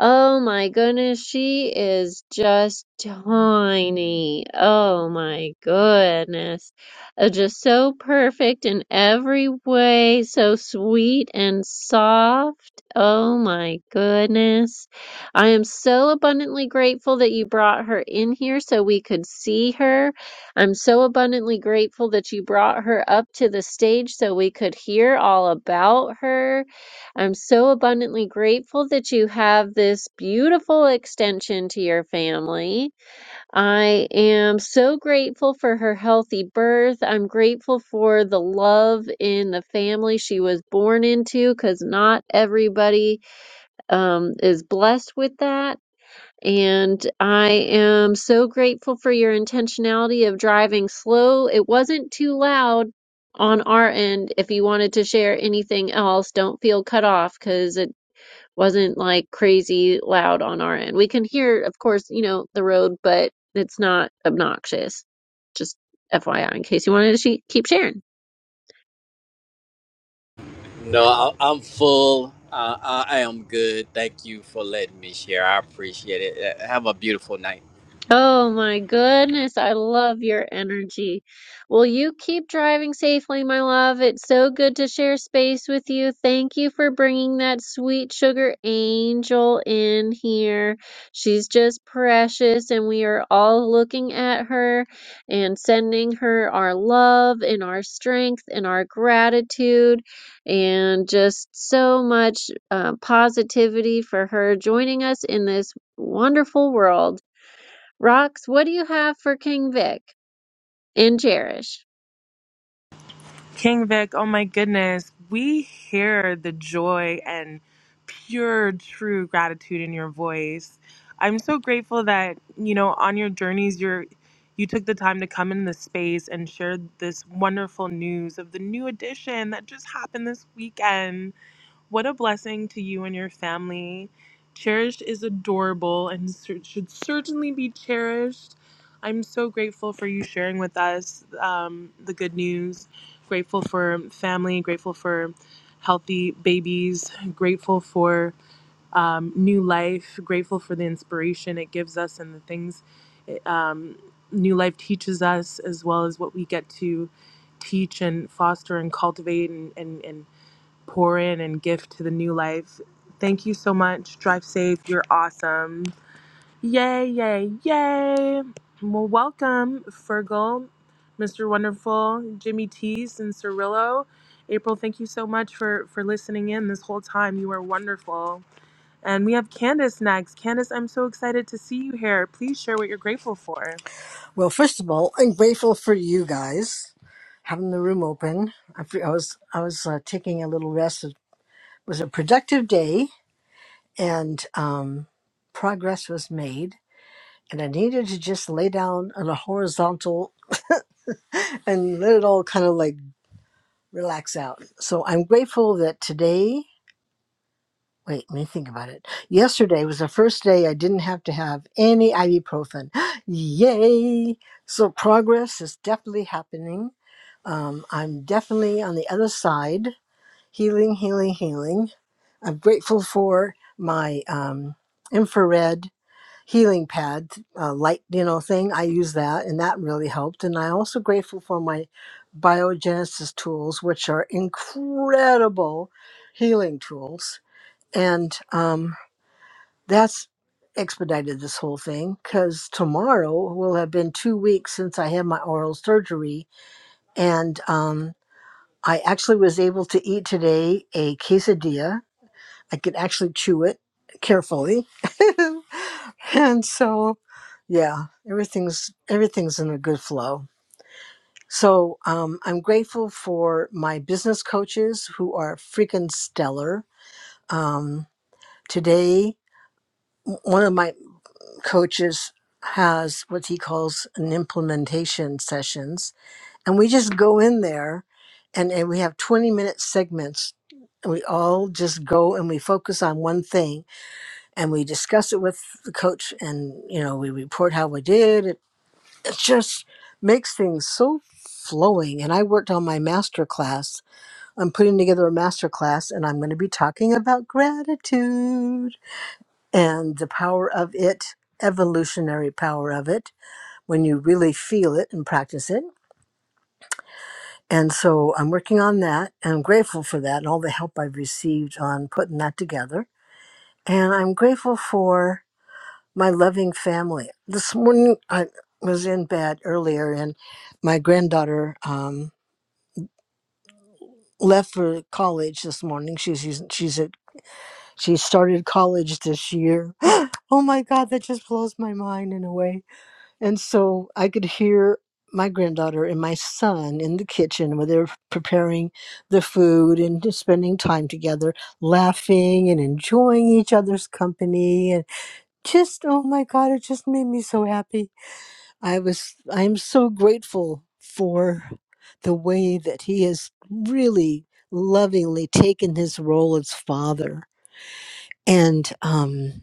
S1: Oh my goodness, she is just tiny. Oh my goodness. Uh, just so perfect in every way, so sweet and soft. Oh my goodness. I am so abundantly grateful that you brought her in here so we could see her. I'm so abundantly grateful that you brought her up to the stage so we could hear all about her. I'm so abundantly grateful that you have this beautiful extension to your family. I am so grateful for her healthy birth. I'm grateful for the love in the family she was born into because not everybody um, is blessed with that. And I am so grateful for your intentionality of driving slow. It wasn't too loud on our end. If you wanted to share anything else, don't feel cut off because wasn't like crazy loud on our end. We can hear, of course, you know, the road, but it's not obnoxious. Just FYI, in case you wanted to she- keep sharing.
S7: No, I, I'm full. Uh, I, I am good. Thank you for letting me share. I appreciate it. Uh, Have a beautiful night.
S1: Oh my goodness, I love your energy. Well, you keep driving safely, my love. It's so good to share space with you. Thank you for bringing that sweet sugar angel in here. She's just precious, and we are all looking at her and sending her our love and our strength and our gratitude and just so much uh, positivity for her joining us in this wonderful world. Rox, what do you have for King Vic and Cherish?
S2: King Vic, oh my goodness. We hear the joy and pure, true gratitude in your voice. I'm so grateful that, you know, on your journeys, you're you took the time to come in the space and share this wonderful news of the new edition that just happened this weekend. What a blessing to you and your family. Cherished is adorable and cer- should certainly be cherished. I'm so grateful for you sharing with us um, the good news. Grateful for family, grateful for healthy babies, grateful for um, new life, grateful for the inspiration it gives us and the things it, um, new life teaches us, as well as what we get to teach and foster and cultivate and, and, and pour in and give to the new life. Thank you so much. Drive safe. You're awesome. Yay, yay, yay. Well, welcome, Fergal, Mr. Wonderful, Jimmy Tees, and Cirillo. April, thank you so much for, for listening in this whole time. You are wonderful. And we have Candace next. Candace, I'm so excited to see you here. Please share what you're grateful for.
S8: Well, first of all, I'm grateful for you guys having the room open. I, fe- I was I was uh, taking a little rest. It was a productive day, and um, progress was made. And I needed to just lay down on a horizontal and let it all kind of like relax out. So I'm grateful that today Wait, let me think about it. Yesterday was the first day I didn't have to have any ibuprofen. Yay! So progress is definitely happening. Um, I'm definitely on the other side, healing, healing, healing. I'm grateful for my um, infrared healing pad, uh, light, you know, thing. I use that, and that really helped. And I'm also grateful for my biogenesis tools, which are incredible healing tools and um, that's expedited this whole thing because tomorrow will have been two weeks since I had my oral surgery. And um, I actually was able to eat today a quesadilla. I could actually chew it carefully. and so, yeah, everything's everything's in a good flow. So um, I'm grateful for my business coaches who are freaking stellar. Um, today, one of my coaches has what he calls an implementation sessions and we just go in there and, and we have 20 minute segments and we all just go and we focus on one thing and we discuss it with the coach and you know we report how we did it, it just makes things so flowing and i worked on my master class i'm putting together a master class and i'm going to be talking about gratitude and the power of it evolutionary power of it when you really feel it and practice it. And so I'm working on that and I'm grateful for that and all the help I've received on putting that together. And I'm grateful for my loving family. This morning I was in bed earlier and my granddaughter um, left for college this morning. She's she's she's at she started college this year. oh my god, that just blows my mind in a way And so I could hear my granddaughter and my son in the kitchen where they're preparing the food and just spending time together, laughing and enjoying each other's company. And just, oh my God, it just made me so happy. I was, I am so grateful for the way that he has really lovingly taken his role as father and, um,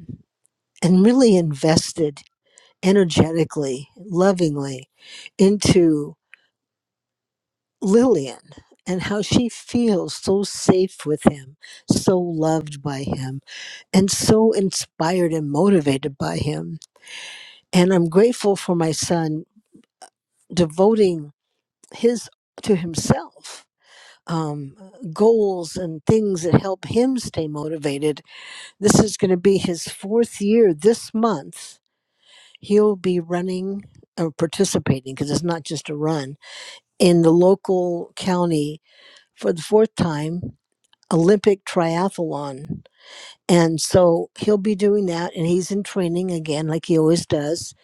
S8: and really invested energetically, lovingly into Lillian and how she feels so safe with him, so loved by him, and so inspired and motivated by him. And I'm grateful for my son devoting his to himself. Um, goals and things that help him stay motivated. This is going to be his fourth year this month. He'll be running or participating because it's not just a run in the local county for the fourth time Olympic triathlon. And so he'll be doing that and he's in training again, like he always does.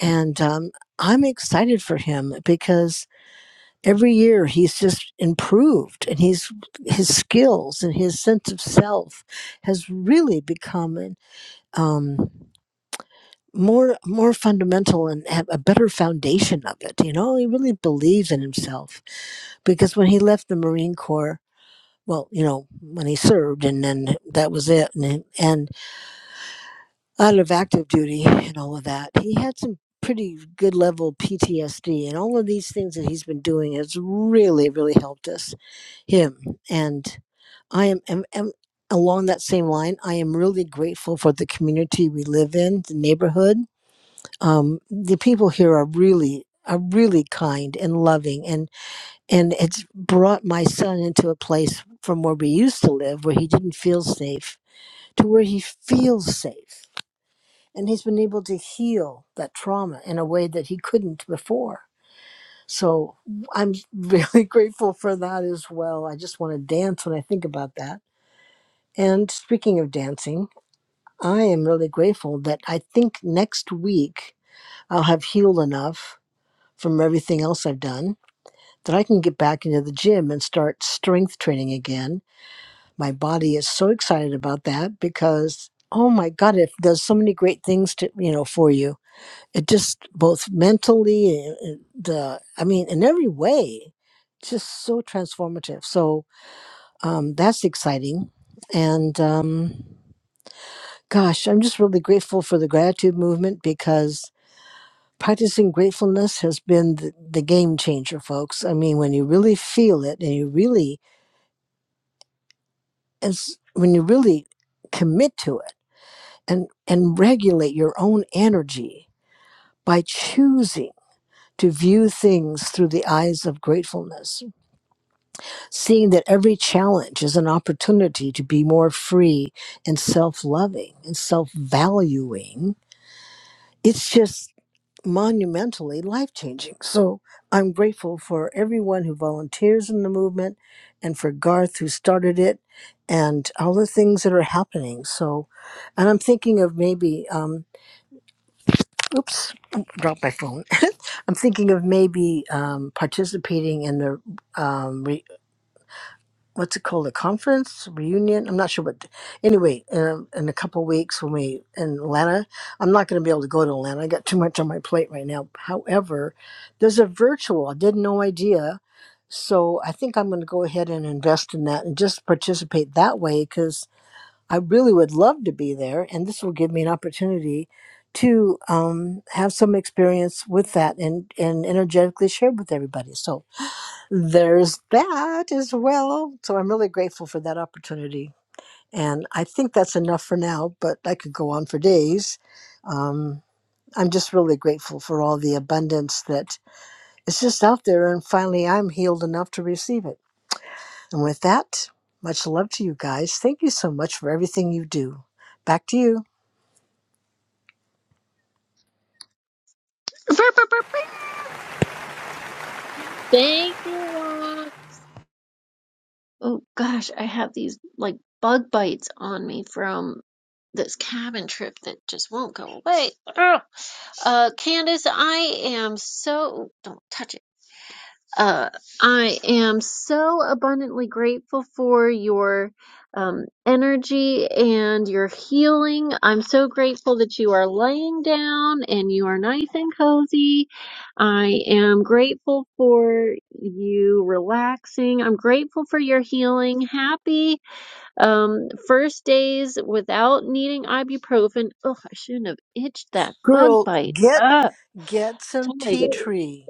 S8: And um, I'm excited for him because every year he's just improved and he's his skills and his sense of self has really become um, more more fundamental and have a better foundation of it. You know, he really believes in himself because when he left the Marine Corps, well, you know, when he served, and then that was it. And then- and out of active duty and all of that, he had some pretty good level PTSD, and all of these things that he's been doing has really, really helped us him. And I am, am, am along that same line. I am really grateful for the community we live in, the neighborhood. Um, the people here are really are really kind and loving, and and it's brought my son into a place from where we used to live where he didn't feel safe to where he feels safe and he's been able to heal that trauma in a way that he couldn't before so i'm really grateful for that as well i just want to dance when i think about that and speaking of dancing i am really grateful that i think next week i'll have healed enough from everything else i've done that i can get back into the gym and start strength training again my body is so excited about that because oh my god it does so many great things to you know for you it just both mentally and and the i mean in every way just so transformative so um, that's exciting and um, gosh i'm just really grateful for the gratitude movement because practicing gratefulness has been the, the game changer folks i mean when you really feel it and you really as when you really commit to it and and regulate your own energy by choosing to view things through the eyes of gratefulness seeing that every challenge is an opportunity to be more free and self-loving and self-valuing it's just monumentally life-changing so i'm grateful for everyone who volunteers in the movement and for garth who started it and all the things that are happening so and i'm thinking of maybe um, oops, dropped my phone. I'm thinking of maybe um, participating in the um, re- what's it called, a conference reunion. I'm not sure what. Anyway, um, in a couple weeks when we in Atlanta, I'm not going to be able to go to Atlanta. I got too much on my plate right now. However, there's a virtual. I did no idea. So I think I'm going to go ahead and invest in that and just participate that way because I really would love to be there, and this will give me an opportunity to um, have some experience with that and and energetically share with everybody. So there's that as well. So I'm really grateful for that opportunity, and I think that's enough for now. But I could go on for days. Um, I'm just really grateful for all the abundance that is just out there, and finally I'm healed enough to receive it. And with that, much love to you guys. Thank you so much for everything you do. Back to you.
S1: Burp, burp, burp, burp. Thank you, Rox. Oh gosh, I have these like bug bites on me from this cabin trip that just won't go away. Ugh. Uh, Candace, I am so don't touch it. Uh, I am so abundantly grateful for your um, energy and your healing. I'm so grateful that you are laying down and you are nice and cozy. I am grateful for you relaxing. I'm grateful for your healing. Happy um, first days without needing ibuprofen. Ugh, I shouldn't have itched that bug
S8: Girl,
S1: bite.
S8: get
S1: Ugh,
S8: get some
S1: somebody
S8: tea
S1: did.
S8: tree.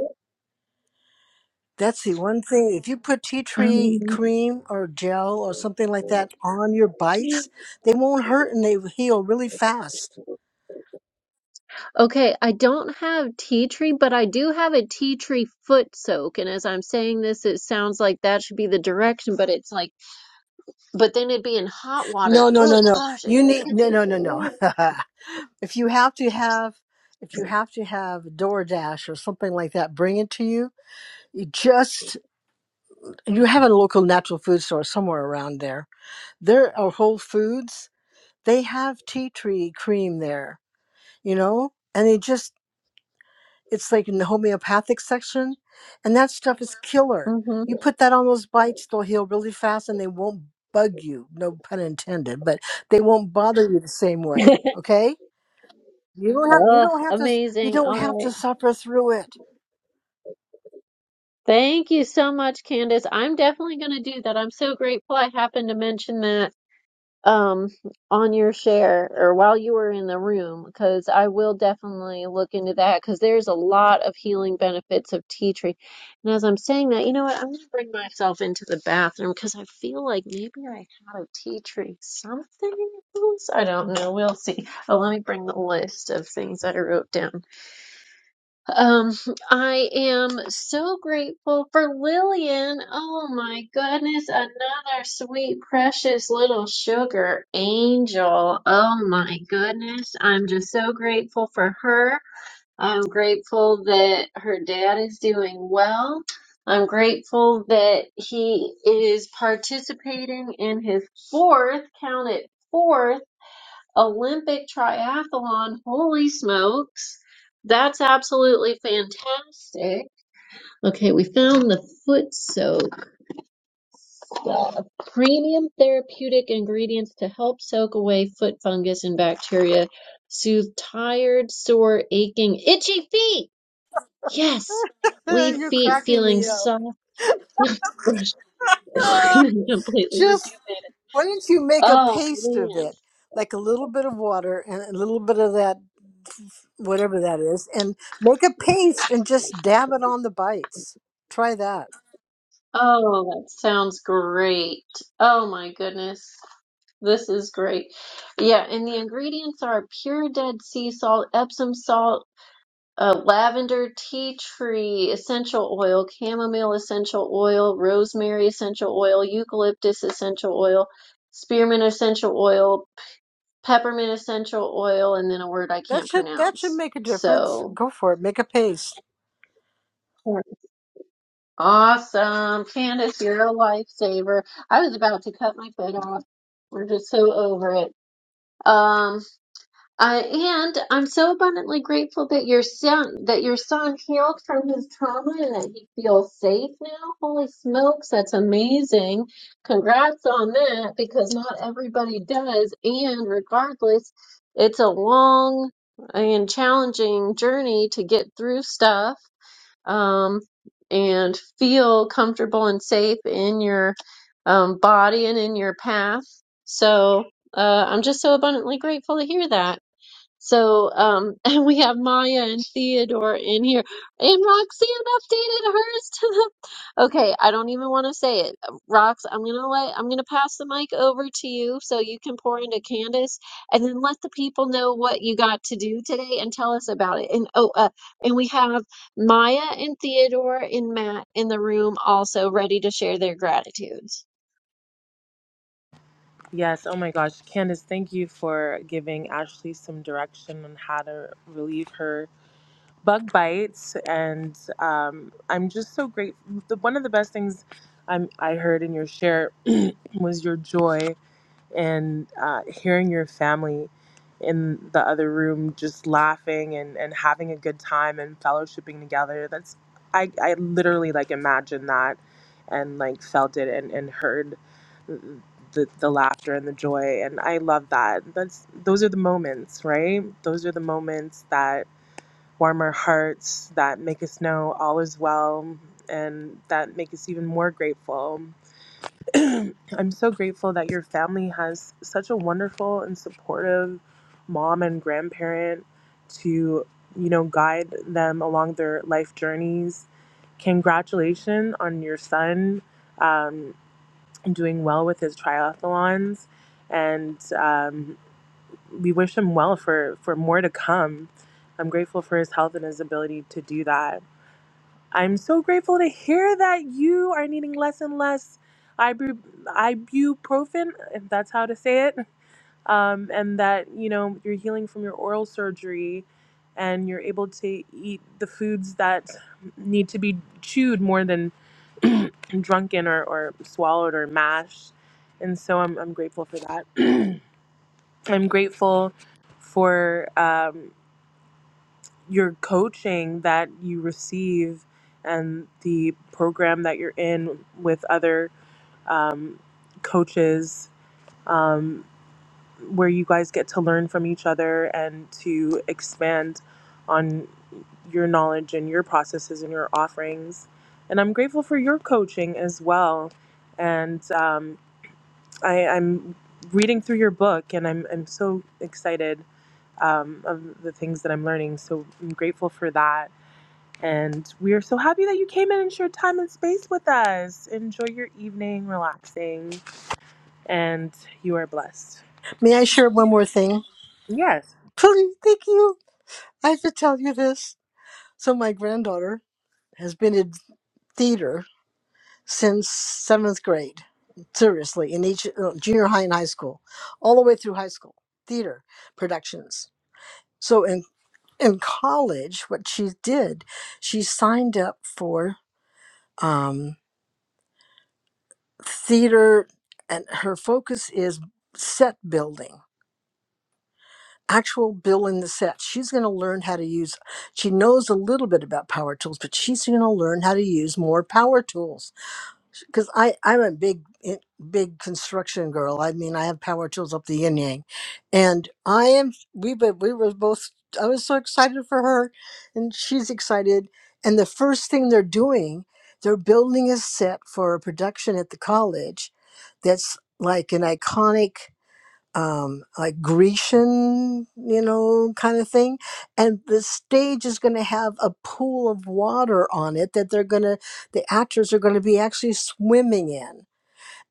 S8: That's the one thing. If you put tea tree
S1: Um,
S8: cream or gel or something like that on your bites, they won't hurt and they heal really fast.
S1: Okay, I don't have tea tree, but I do have a tea tree foot soak. And as I'm saying this, it sounds like that should be the direction, but it's like but then it'd be in hot water.
S8: No, no,
S1: Oh
S8: no, no.
S1: gosh, it's
S8: You need no,
S1: itchy.
S8: no, no, no. if you have to have if you have to have DoorDash or something like that, bring it to you. You just you have a local natural food store somewhere around there. There are Whole Foods. They have tea tree cream there you know and they just it's like in the homeopathic section and that stuff is killer
S1: Mm-hmm.
S8: you put that on those bites they'll heal really fast and they won't bug you no pun intended but they won't bother you the same way okay you don't have you
S1: Ugh,
S8: don't have to you
S1: amazing.
S8: don't
S1: All
S8: have
S1: right.
S8: to suffer through it
S1: Thank you so much, Candace. I'm definitely going to do that. I'm so grateful I happened to mention that um, on your share or while you were in the room, because I will definitely look into that because there's a lot of healing benefits of tea tree. And as I'm saying that, you know what? I'm going to bring myself into the bathroom because I feel like maybe I had a tea tree something else. I don't know. We'll see. Oh, let me bring the list of things that I wrote down. Um, I am so grateful for Lillian. Oh my goodness, another sweet, precious little sugar angel. Oh my goodness, I'm just so grateful for her. I'm grateful that her dad is doing well. I'm grateful that he is participating in his fourth, count it, fourth Olympic triathlon. Holy smokes. That's absolutely fantastic. Okay, we found the foot soak stuff. Premium therapeutic ingredients to help soak away foot fungus and bacteria, soothe tired, sore, aching, itchy feet. Yes. Leave
S8: you're
S1: feet
S8: cracking
S1: feeling
S8: me up
S1: soft, brushed, clean, and completely
S8: just
S1: rejuvenated.
S8: Why don't you make a
S1: Oh
S8: paste of
S1: man.
S8: it, like a little bit of water and a little bit of that, whatever that is, and make a paste and just dab it on the bites. Try that.
S1: Oh, that sounds great. Oh my goodness. This is great. Yeah, and the ingredients are pure dead sea salt, Epsom salt, uh, lavender, tea tree essential oil, chamomile essential oil, rosemary essential oil, eucalyptus essential oil, spearmint essential oil, peppermint essential oil, and then a word I
S8: That
S1: can't
S8: should that should
S1: pronounce.
S8: make a difference.
S1: So.
S8: Go for it. Make a paste.
S1: Awesome. Candace, you're a lifesaver. I was about to cut my foot off. We're just so over it. Um, I, and I'm so abundantly grateful that your son, that your son healed from his trauma and that he feels safe now. Holy smokes, that's amazing. Congrats on that because not everybody does. And regardless, it's a long and challenging journey to get through stuff um, and feel comfortable and safe in your um, body and in your path. So uh, I'm just so abundantly grateful to hear that. So, um, and we have Maya and Theodore in here. And Roxanne updated hers to the. Okay, I don't even want to say it. Rox, I'm gonna let, I'm gonna pass the mic over to you so you can pour into Candace and then let the people know what you got to do today and tell us about it. And oh, uh, and we have Maya and Theodore and Matt in the room also ready to share their gratitudes.
S2: Yes, oh my gosh. Candace, thank you for giving Ashley some direction on how to relieve her bug bites and um, i'm just so grateful the, one of the best things I'm, i heard in your share was your joy and uh, hearing your family in the other room just laughing and, and having a good time and fellowshipping together that's i, I literally like imagined that and like felt it and, and heard the, the laughter and the joy and i love that that's those are the moments right those are the moments that warmer hearts that make us know all is well and that make us even more grateful. I'm so grateful that your family has such a wonderful and supportive mom and grandparent to, you know, guide them along their life journeys. Congratulations on your son um, doing well with his triathlons and, um, we wish him well for for more to come. I'm grateful for his health and his ability to do that. I'm so grateful to hear that you are needing less and less ibu- ibuprofen, if that's how to say it, um, and that you know you're healing from your oral surgery, and you're able to eat the foods that need to be chewed more than drunken or, or swallowed or mashed. And so I'm, I'm grateful for that. I'm grateful for um, your coaching that you receive and the program that you're in with other um, coaches, um, where you guys get to learn from each other and to expand on your knowledge and your processes and your offerings. And I'm grateful for your coaching as well. And um, I, I'm reading through your book, and I'm, I'm so excited um, of the things that I'm learning. So I'm grateful for that. And we are so happy that you came in and shared time and space with us. Enjoy your evening, relaxing, and you are blessed.
S8: May I share one more thing?
S2: Yes.
S8: Please, thank you. I have to tell you this. So my granddaughter has been in theater since seventh grade. Seriously, in each uh, junior high and high school, all the way through high school, theater productions. So in in college, what she did, she signed up for um, theater, and her focus is set building, actual building the set. She's going to learn how to use, she knows a little bit about power tools, but she's going to learn how to use more power tools because I I'm a big eh, big construction girl. I mean, I have power tools up the yin yang, and I am. We but we were both. I was so excited for her, and she's excited. And the first thing they're doing, they're building a set for a production at the college, that's like an iconic um, like Grecian, you know, kind of thing. And the stage is going to have a pool of water on it that they're going to, the actors are going to be actually swimming in.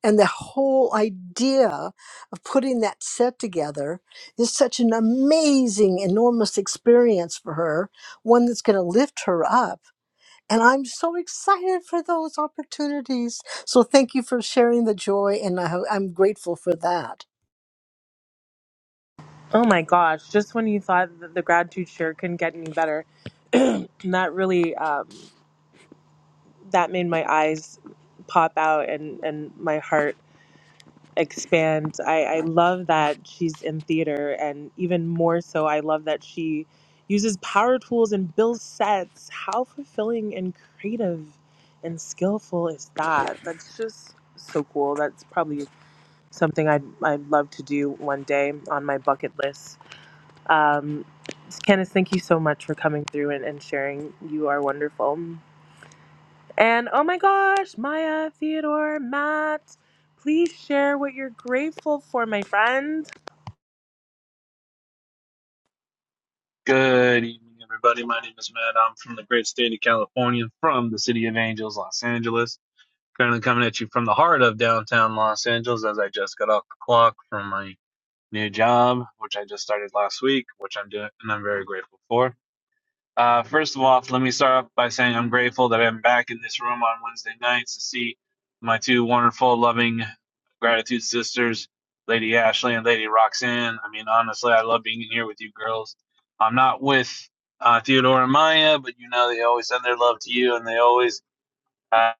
S8: And the whole idea of putting that set together is such an amazing, enormous experience for her, one that's going to lift her up. And I'm so excited for those opportunities. So thank you for sharing the joy, and I, ho- I'm grateful for that.
S2: Oh my gosh, just when you thought that the gratitude share couldn't get any better, that really um, that made my eyes pop out and and my heart expand. I, I love that she's in theater, and even more so, I love that she uses power tools and builds sets. How fulfilling and creative and skillful is that? That's just so cool. That's probably something I'd, I'd love to do one day on my bucket list. Um, Candice, thank you so much for coming through and, and sharing. You are wonderful. And oh my gosh, Maya, Theodore, Matt, please share what you're grateful for, my friend.
S9: Good evening, everybody. My name is Matt. I'm from the great state of California, from the city of Angels, Los Angeles. Currently coming at you from the heart of downtown Los Angeles as I just got off the clock from my new job, which I just started last week, which I'm doing and I'm very grateful for. Uh, first of all, let me start off by saying I'm grateful that I'm back in this room on Wednesday nights to see my two wonderful, loving gratitude sisters, Lady Ashley and Lady Roxanne. I mean, honestly, I love being in here with you girls. I'm not with uh, Theodore and Maya, but you know they always send their love to you, and they always have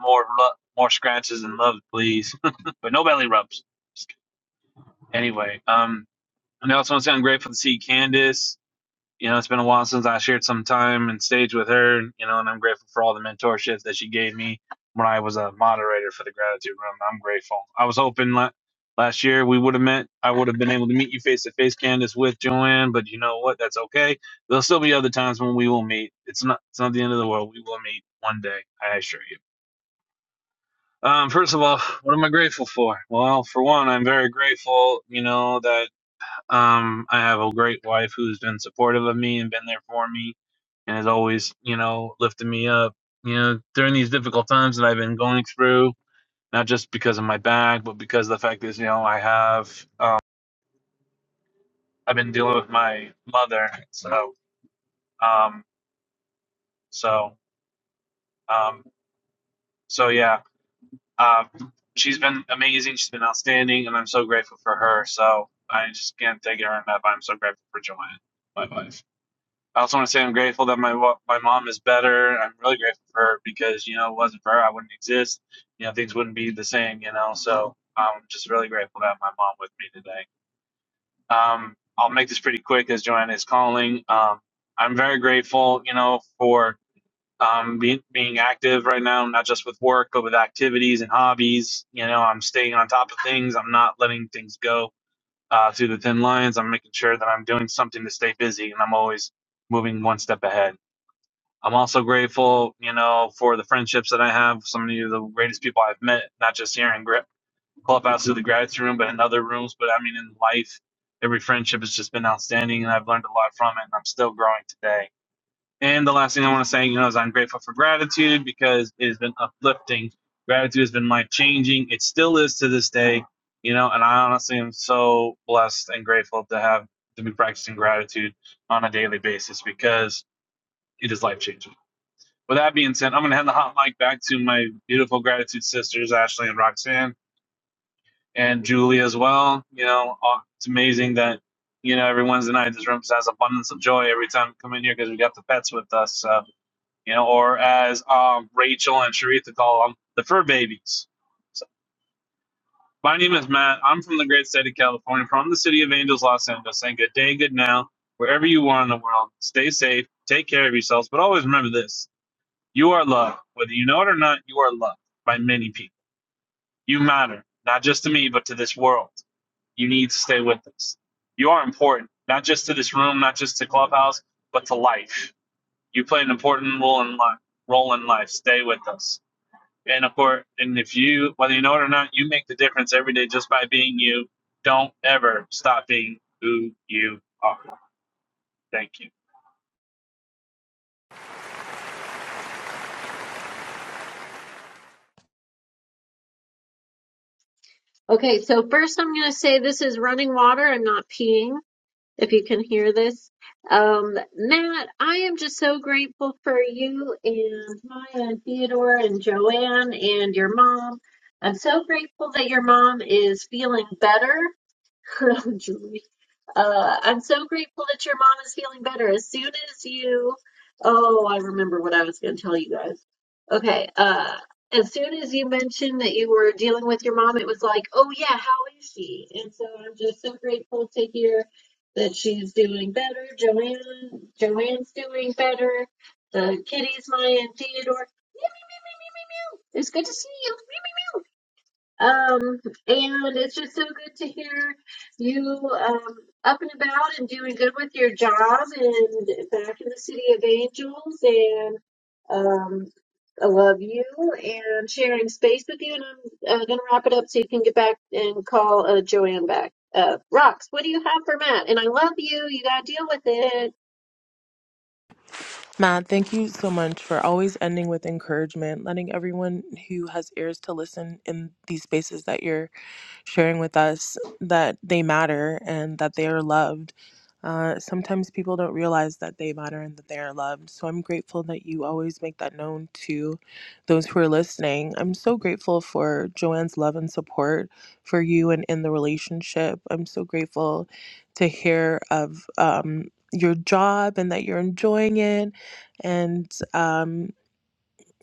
S9: more lo- more scratches and love, please, but no belly rubs. Anyway, um, and I also want to say I'm grateful to see Candace you know, it's been a while since I shared some time and stage with her, you know, and I'm grateful for all the mentorship that she gave me when I was a moderator for the gratitude room. I'm grateful. I was hoping la- last year we would have met, I would have been able to meet you face to face, Candace, with Joanne, but you know what? That's okay. There'll still be other times when we will meet. It's not, it's not the end of the world. We will meet one day, I assure you. Um, first of all, what am I grateful for? Well, for one, I'm very grateful, you know, that um, I have a great wife who's been supportive of me and been there for me and has always, you know, lifted me up. You know, during these difficult times that I've been going through, not just because of my back, but because of the fact is, you know, I have um, I've been dealing with my mother. So, um, so, um, so yeah, uh, she's been amazing. She's been outstanding, and I'm so grateful for her. So I just can't thank her enough. I'm so grateful for Joanne, my wife. I also want to say I'm grateful that my my mom is better. I'm really grateful for her because you know it wasn't for her I wouldn't exist. You know things wouldn't be the same. You know, so I'm just really grateful to have my mom with me today. Um, I'll make this pretty quick as Joanna is calling. Um, I'm very grateful, you know, for um, being being active right now, not just with work but with activities and hobbies. You know, I'm staying on top of things. I'm not letting things go uh, through the thin lines. I'm making sure that I'm doing something to stay busy, and I'm always moving one step ahead. I'm also grateful, you know, for the friendships that I have. Some of the greatest people I've met, not just here in Clubhouse through the gratitude room, but in other rooms. But I mean, in life, every friendship has just been outstanding, and I've learned a lot from it, and I'm still growing today. And the last thing I want to say, you know, is I'm grateful for gratitude because it has been uplifting. Gratitude has been life changing. It still is to this day, you know, and I honestly am so blessed and grateful to have to be practicing gratitude on a daily basis because it is life changing. With that being said, I'm going to hand the hot mic back to my beautiful gratitude sisters, Ashley and Roxanne, and Julie as well. You know, uh, it's amazing that, you know, every Wednesday night this room has abundance of joy every time we come in here because we got the pets with us. So, you know, or as um, Rachel and Sharitha call them, the fur babies. So, my name is Matt. I'm from the great state of California, from the city of Angels, Los Angeles, saying good day, good now, wherever you are in the world. Stay safe, take care of yourselves, but always remember this. You are loved. Whether you know it or not, you are loved by many people. You matter, not just to me, but to this world. You need to stay with us. You are important, not just to this room, not just to Clubhouse, but to life. You play an important role in life. Role in life. Stay with us. And of course, and if you, whether you know it or not, you make the difference every day just by being you. Don't ever stop being who you are. Thank you.
S1: Okay, so first I'm gonna say this is running water. I'm not peeing. if you can hear this. Um, Matt, I am just so grateful for you and Maya and Theodore and Joanne and your mom. I'm so grateful that your mom is feeling better. Uh, I'm so grateful that your mom is feeling better. As soon as you, oh, I remember what I was going to tell you guys. Okay, uh, as soon as you mentioned that you were dealing with your mom, it was like, oh yeah, how is she? And so I'm just so grateful to hear that she's doing better. Joanne, Joanne's doing better. The kitties, Maya and Theodore. Meow, meow, meow, meow, meow, meow. It's good to see you. Um, and it's just so good to hear you um, up and about and doing good with your job and back in the City of Angels. And um, I love you and sharing space with you. And I'm uh, going to wrap it up so you can get back and call uh, Joanne back. Uh, Rox, what do you have for Matt? And I love you. You got to deal with it.
S2: Matt, thank you so much for always ending with encouragement, letting everyone who has ears to listen in these spaces that you're sharing with us that they matter and that they are loved. Uh, sometimes people don't realize that they matter and that they are loved. So I'm grateful that you always make that known to those who are listening. I'm so grateful for Joanne's love and support for you and in the relationship. I'm so grateful to hear of um, your job and that you're enjoying it and um,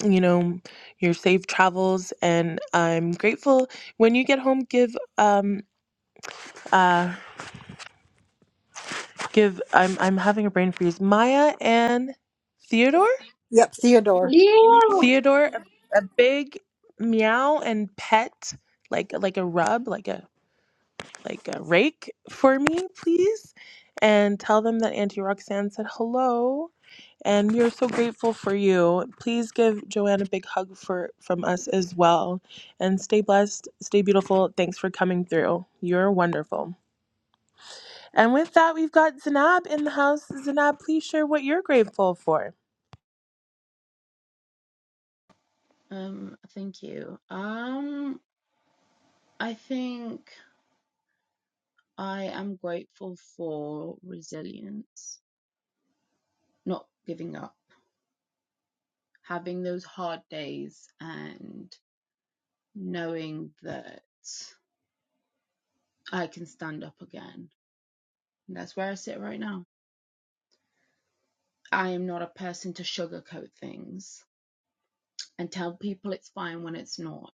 S2: you know, your safe travels. And I'm grateful when you get home, give, um, uh, give, I'm, I'm having a brain freeze. Maya and Theodore,
S8: Yep, Theodore.
S1: Yeah.
S2: Theodore, a, a big meow and pet, like, like a rub, like a, like a rake for me, please, and tell them that Auntie Roxanne said hello. And we are so grateful for you. Please give Joanne a big hug for from us as well. And stay blessed, stay beautiful. Thanks for coming through. You're wonderful. And with that, we've got Zanab in the house. Zanab, please share what you're grateful for.
S10: Um, thank you. Um, I think I am grateful for resilience, not giving up, having those hard days and knowing that I can stand up again. And that's where I sit right now. I am not a person to sugarcoat things and tell people it's fine when it's not.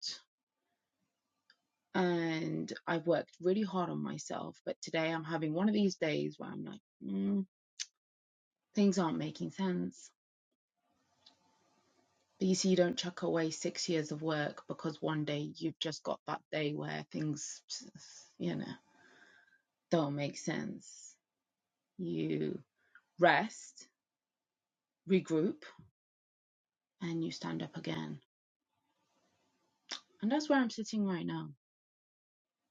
S10: And I've worked really hard on myself, but today I'm having one of these days where I'm like, mm, things aren't making sense But you see, you don't chuck away six years of work because one day you've just got that day where things, you know, don't make sense. You rest, regroup, and you stand up again. And that's where I'm sitting right now,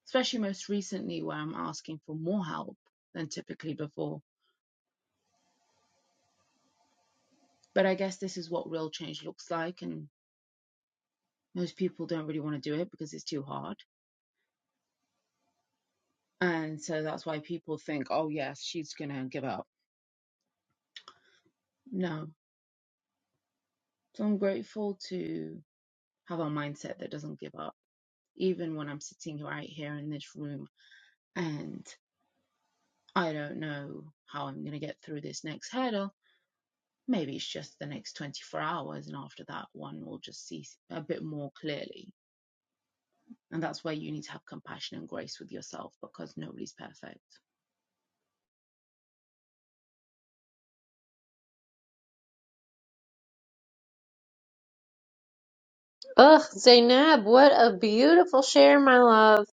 S10: especially most recently where I'm asking for more help than typically before. But I guess this is what real change looks like. And most people don't really want to do it because it's too hard. And so that's why people think, oh, yes, she's going to give up. No. So I'm grateful to have a mindset that doesn't give up, even when I'm sitting right here in this room and I don't know how I'm going to get through this next hurdle. Maybe it's just the next 24 hours, and after that, one will just see a bit more clearly. And that's where you need to have compassion and grace with yourself because nobody's perfect.
S1: Ugh, Zainab, what a beautiful share, my love.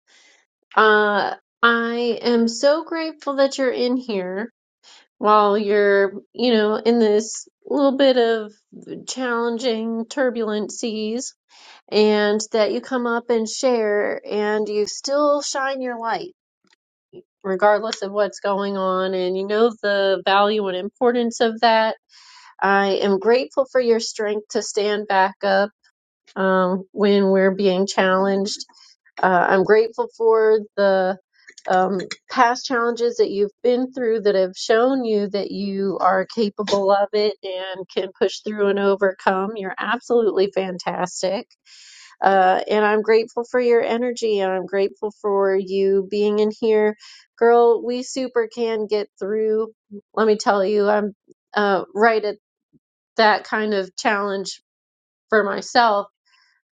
S1: Uh, I am so grateful that you're in here while you're, you know, in this little bit of challenging, turbulent seas, and that you come up and share and you still shine your light, regardless of what's going on. And you know the value and importance of that. I am grateful for your strength to stand back up um, when we're being challenged uh, I'm grateful for the um, past challenges that you've been through that have shown you that you are capable of it and can push through and overcome. You're absolutely fantastic. Uh, and I'm grateful for your energy and I'm grateful for you being in here. Girl, we super can get through. Let me tell you, I'm uh, right at that kind of challenge for myself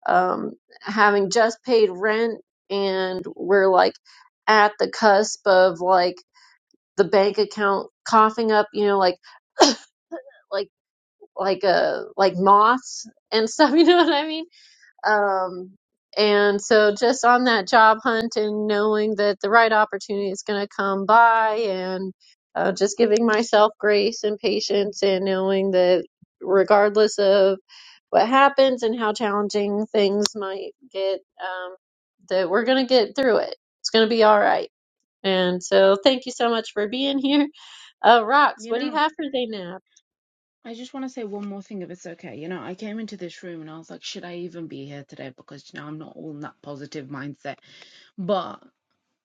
S1: um, having just paid rent and we're like at the cusp of like the bank account coughing up, you know, like like like uh like moths and stuff, you know what I mean? Um, and so just on that job hunt and knowing that the right opportunity is going to come by and uh, just giving myself grace and patience and knowing that regardless of what happens and how challenging things might get, um, that we're going to get through it. It's going to be all right. And so thank you so much for being here. Uh, Rox,
S10: You
S1: what do you
S10: know,
S1: have for Zainab?
S10: I just want to say one more thing if it's okay. You know, I came into this room and I was like, should I even be here today? Because, you know, I'm not all in that positive mindset. but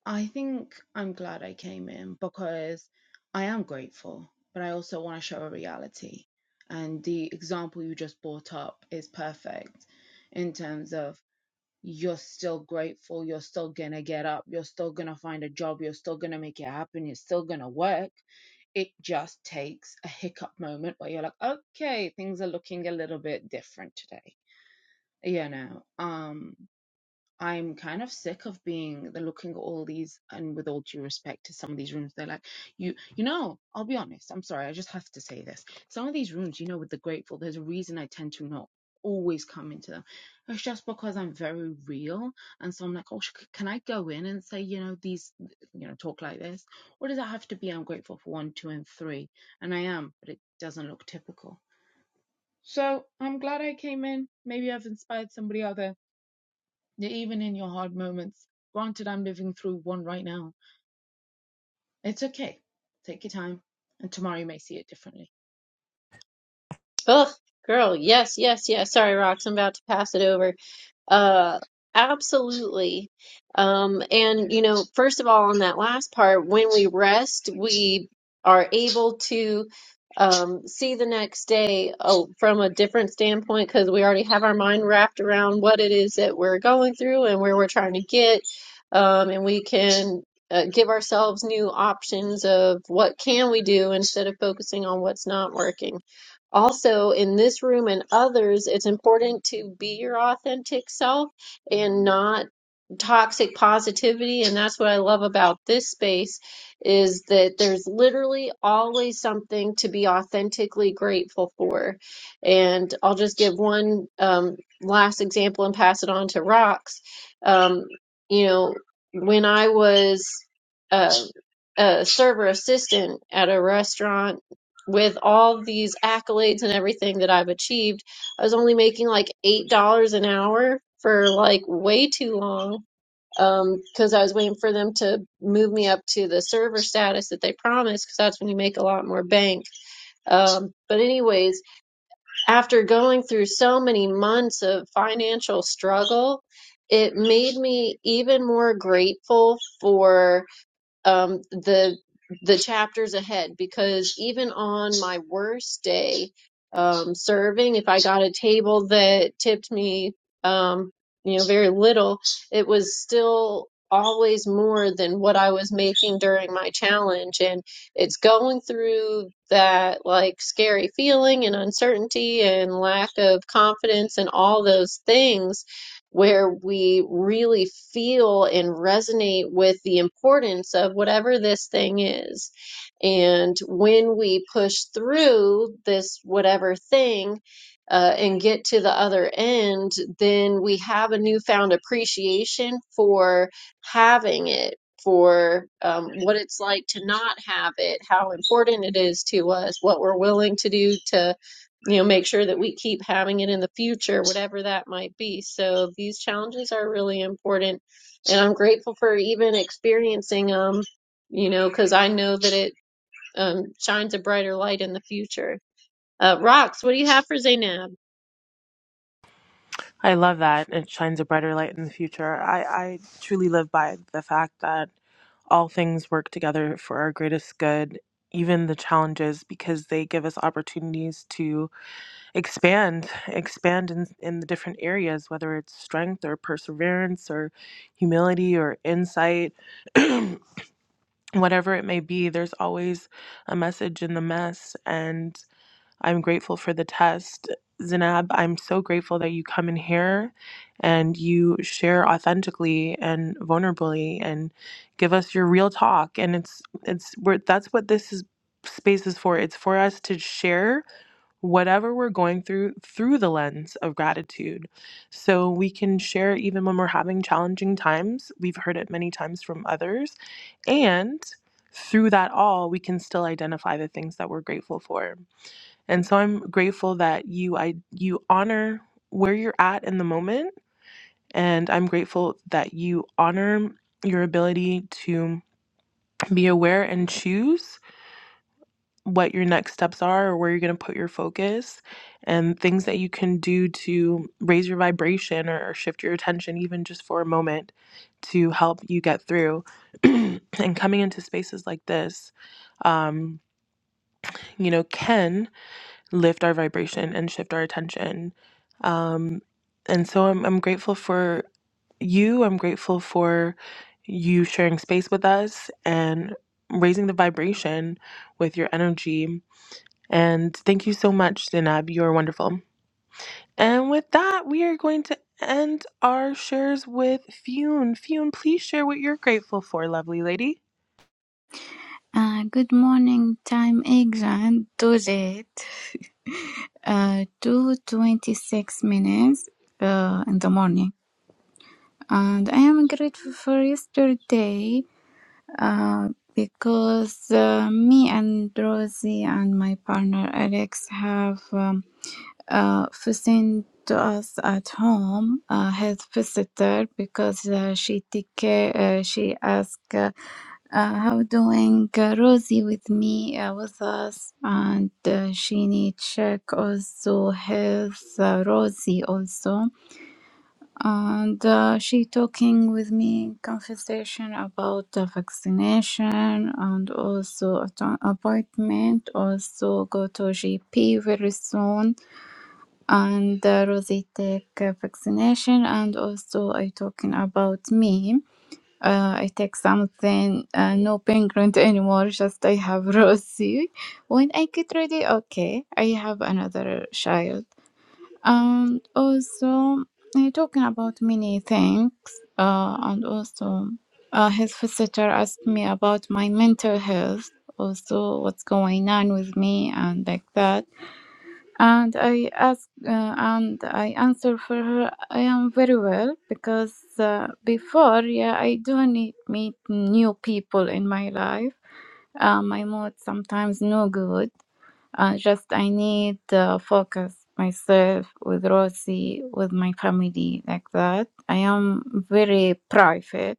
S10: I think I'm glad I came in because I am grateful, but I also want to show a reality. And the example you just brought up is perfect in terms of you're still grateful, you're still going to get up, you're still going to find a job, you're still going to make it happen, you're still going to work. It just takes a hiccup moment where you're like, okay, things are looking a little bit different today. You know, um, I'm kind of sick of being the looking at all these and with all due respect to some of these rooms, they're like, you you know, I'll be honest, I'm sorry, I just have to say this. Some of these rooms, you know, with the grateful, there's a reason I tend to not always come into them. It's just because I'm very real. And so I'm like, oh, sh- can I go in and say, you know, these, you know, talk like this? Or does that have to be I'm grateful for one, two, and three? And I am, but it doesn't look typical. So I'm glad I came in. Maybe I've inspired somebody out there. You're even in your hard moments. Granted, I'm living through one right now. It's okay. Take your time, and tomorrow you may see it differently.
S1: Ugh, girl, yes, yes, yes. Sorry, Rox, I'm about to pass it over. Uh, absolutely. Um, and you know, first of all, on that last part, when we rest, we are able to um, see the next day oh, from a different standpoint because we already have our mind wrapped around what it is that we're going through and where we're trying to get. Um, and we can uh, give ourselves new options of what can we do instead of focusing on what's not working also in this room and others, it's important to be your authentic self and not toxic positivity. And that's what I love about this space is that there's literally always something to be authentically grateful for. And I'll just give one um, last example and pass it on to Rox. Um, you know, when I was uh, a server assistant at a restaurant, with all these accolades and everything that I've achieved, I was only making like eight dollars an hour for like way too long. Um, 'cause because I was waiting for them to move me up to the server status that they promised, because that's when you make a lot more bank. Um, but anyways, after going through so many months of financial struggle, it made me even more grateful for um, the the chapters ahead because even on my worst day um, serving, if I got a table that tipped me, um, you know, very little, it was still always more than what I was making during my challenge, and it's going through that like scary feeling and uncertainty and lack of confidence and all those things where we really feel and resonate with the importance of whatever this thing is. And when we push through this whatever thing uh, and get to the other end, then we have a newfound appreciation for having it. For um, what it's like to not have it, how important it is to us, what we're willing to do to you know, make sure that we keep having it in the future, whatever that might be. So these challenges are really important, and I'm grateful for even experiencing them, you know, because I know that it um, shines a brighter light in the future. Uh, Rox, what do you have for Zainab?
S2: I love that. It shines a brighter light in the future. I, I truly live by the fact that all things work together for our greatest good, even the challenges, because they give us opportunities to expand, expand in, in the different areas, whether it's strength or perseverance or humility or insight, whatever it may be, there's always a message in the mess. And I'm grateful for the test. Zinab, I'm so grateful that you come in here and you share authentically and vulnerably and give us your real talk. And it's it's we're, that's what this is space is for. It's for us to share whatever we're going through through the lens of gratitude. So we can share even when we're having challenging times. We've heard it many times from others. And through that all, we can still identify the things that we're grateful for. And so I'm grateful that you I you honor where you're at in the moment and I'm grateful that you honor your ability to be aware and choose what your next steps are or where you're going to put your focus and things that you can do to raise your vibration or, or shift your attention even just for a moment to help you get through and coming into spaces like this um, you know, can lift our vibration and shift our attention. Um, and so I'm, I'm grateful for you. I'm grateful for you sharing space with us and raising the vibration with your energy. And thank you so much, Dinab. You're wonderful. And with that, we are going to end our shares with Fune. Fune, please share what you're grateful for, lovely lady.
S11: Uh, good morning, time England. Too late. Uh, two twenty-six minutes uh, in the morning, and I am grateful for yesterday. Uh, because uh, me and Rosie and my partner Alex have. um, uh, visiting to us at home, uh, his visitor, because uh, she take care, uh, she asked, uh, uh, how doing uh, Rosie with me, uh, with us, and uh, she need check also his uh, Rosie also, and uh, she talking with me conversation about the vaccination and also at- appointment, also go to GP very soon and the Rosie vaccination and also I talking about me. Uh, I take something, uh, no penguin anymore, just I have Rosie. When I get ready, okay, I have another child. And also I talking about many things uh, and also uh, his visitor asked me about my mental health, also what's going on with me and like that and I ask uh, and I answer for her, I am very well because uh, before, yeah, I do need meet new people in my life. Uh, my mood sometimes no good. Uh, just I need uh, focus myself with Rosie, with my family, like that. I am very private,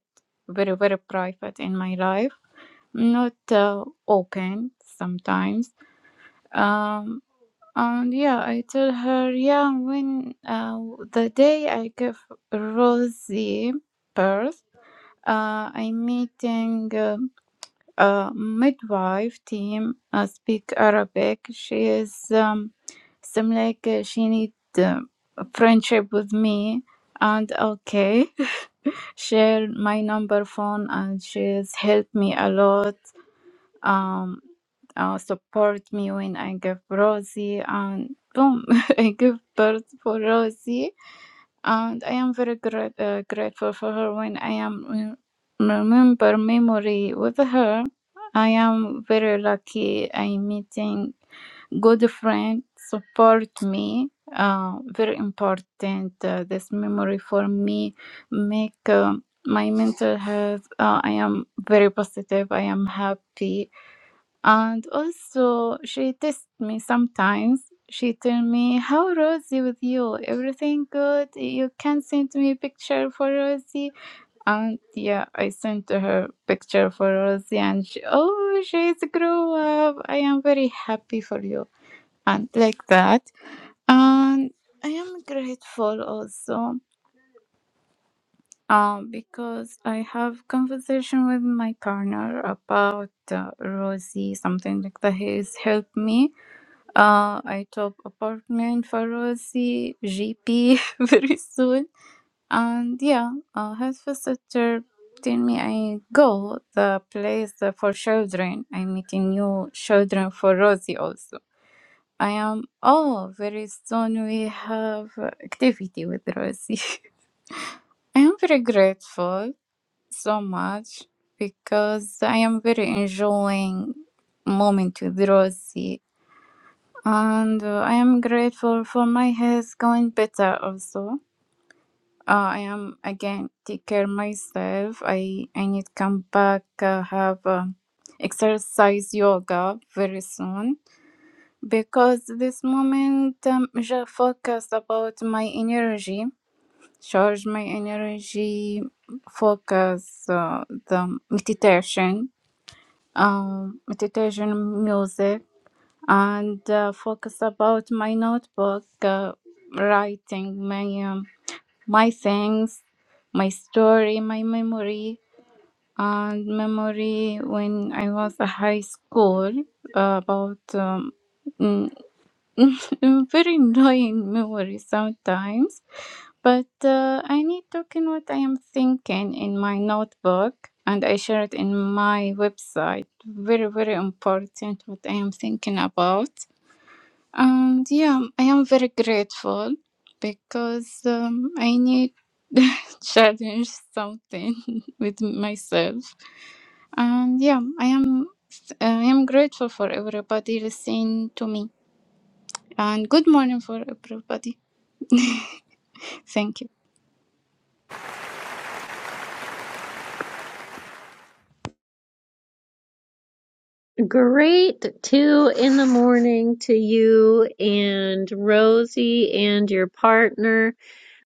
S11: very very private in my life, not uh, open sometimes. Um, and yeah, I told her, yeah, when uh, the day I gave Rosie birth, uh, I'm meeting um, a midwife team, uh, speak Arabic. She is, um, seem like uh, she need uh, a friendship with me. And okay, share my number phone and she's helped me a lot um, uh, support me when I give Rosie, and boom, I give birth for Rosie, and I am very grat- uh, grateful for her when I am re- remember memory with her. I am very lucky. I meeting good friend support me. Uh, very important uh, this memory for me make um my mental health. Uh, I am very positive. I am happy and also, she tests me sometimes. She tell me, "How Rosie with you? Everything good? You can send me picture for Rosie." And yeah, I sent to her picture for Rosie, and she, oh, she's grow up. I am very happy for you, and like that. And I am grateful also, um, because I have conversation with my partner about uh, Rosie, something like that. He has helped me uh, I top apartment pharmacy GP very soon, and yeah, uh, his visitor tell me I go the place for children. I meeting new children for Rosie also. I am oh very soon we have activity with Rosie. I am very grateful so much because I am very enjoying moment with Rosie and uh, I am grateful for my health going better also. Uh, I am again take care myself. I I need come back uh, have um exercise yoga very soon because this moment I'm just focused about my energy, charge my energy, focus uh, the meditation, um, meditation music and uh, focus about my notebook, uh, writing my um, my things, my story, my memory, and memory when I was a high school uh, about um, mm, very annoying memory sometimes. But uh, I need talking what I am thinking in my notebook. And I share it in my website. Very, very important what I am thinking about and yeah, I am very grateful because um, I need challenge something with myself. And yeah, I am I am grateful for everybody listening to me. And good morning for everybody. Thank you.
S1: Great two in the morning to you and Rosie and your partner.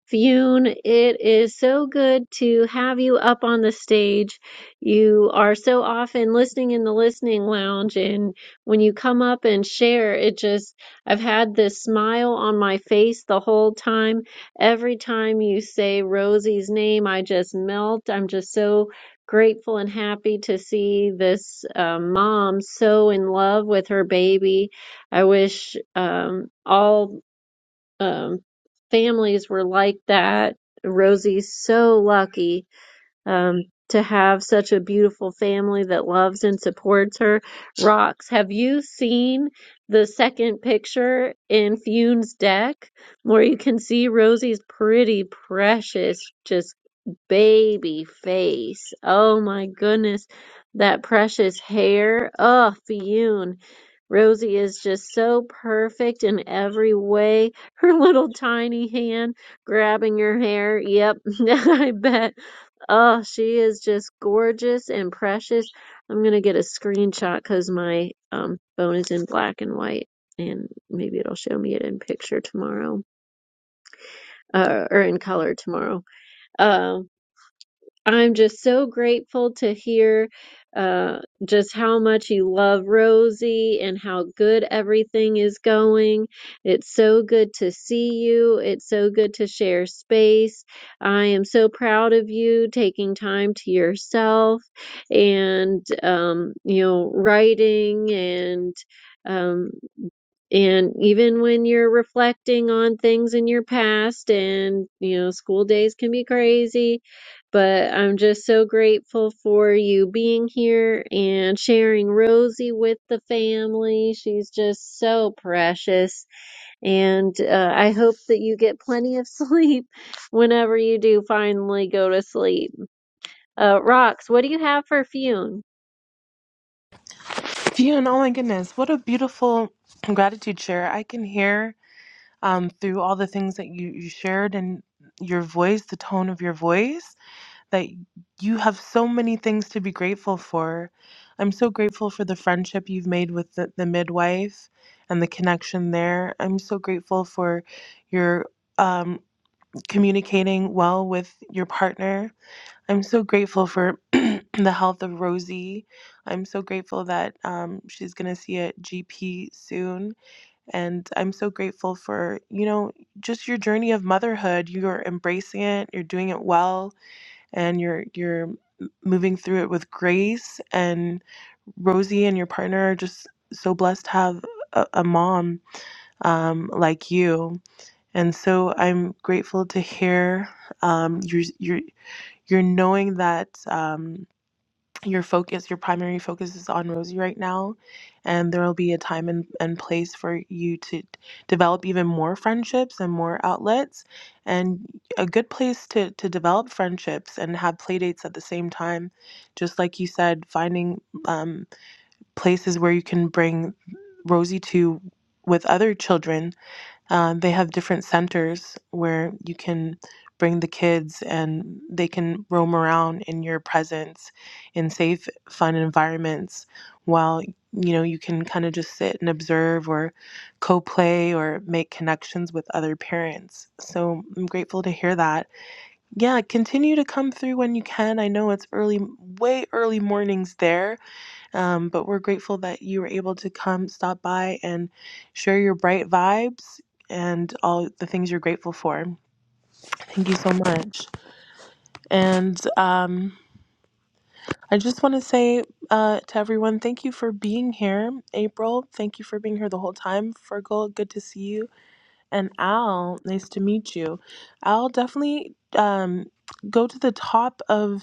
S1: Fune, it is so good to have you up on the stage. You are so often listening in the listening lounge, and when you come up and share, it just, I've had this smile on my face the whole time. Every time you say Rosie's name, I just melt. I'm just so grateful and happy to see this uh, mom so in love with her baby. I wish um, all um, families were like that. Rosie's so lucky um, to have such a beautiful family that loves and supports her. Rocks, have you seen the second picture in Fune's deck where you can see Rosie's pretty, precious, just baby face. Oh my goodness, that precious hair. Oh, Fionn. Rosie is just so perfect in every way. Her little tiny hand grabbing your hair. Yep, I bet. Oh, she is just gorgeous and precious. I'm gonna get a screenshot because my um phone is in black and white, and maybe it'll show me it in picture tomorrow, uh, or in color tomorrow. Um, I'm just so grateful to hear uh, just how much you love Rosie and how good everything is going. It's so good to see you. It's so good to share space. I am so proud of you taking time to yourself and, um, you know, writing and. um, and even when you're reflecting on things in your past, and you know, school days can be crazy, but I'm just so grateful for you being here and sharing Rosie with the family. She's just so precious. And uh, I hope that you get plenty of sleep whenever you do finally go to sleep. Uh, Rox, what do you have for Fune?
S2: Fune, oh my goodness, what a beautiful gratitude share. I can hear. um, through all the things that you, you shared and your voice, the tone of your voice, that you have so many things to be grateful for. I'm so grateful for the friendship you've made with the, the midwife and the connection there. I'm so grateful for your um, communicating well with your partner. I'm so grateful for the health of Rosie. I'm so grateful that um, she's going to see a GP soon and I'm so grateful for, you know, just your journey of motherhood. You're embracing it, you're doing it well, and you're you're moving through it with grace. And Rosie and your partner are just so blessed to have a, a mom um, like you. And so I'm grateful to hear um, you're, you're, you're knowing that. Um, your focus, your primary focus is on Rosie right now, and there will be a time and, and place for you to develop even more friendships and more outlets. And a good place to, to develop friendships and have play dates at the same time, just like you said, finding um, places where you can bring Rosie to with other children um, they have different centers where you can bring the kids and they can roam around in your presence in safe, fun environments while you know you can kind of just sit and observe or co-play or make connections with other parents. So I'm grateful to hear that. Yeah, continue to come through when you can. I know it's early, way early mornings there, um, but we're grateful that you were able to come stop by and share your bright vibes and all the things you're grateful for. Thank you so much. And um, I just want to say uh, to everyone, thank you for being here. April, thank you for being here the whole time. Fergal, good to see you. And Al, nice to meet you. Al, definitely um, go to the top of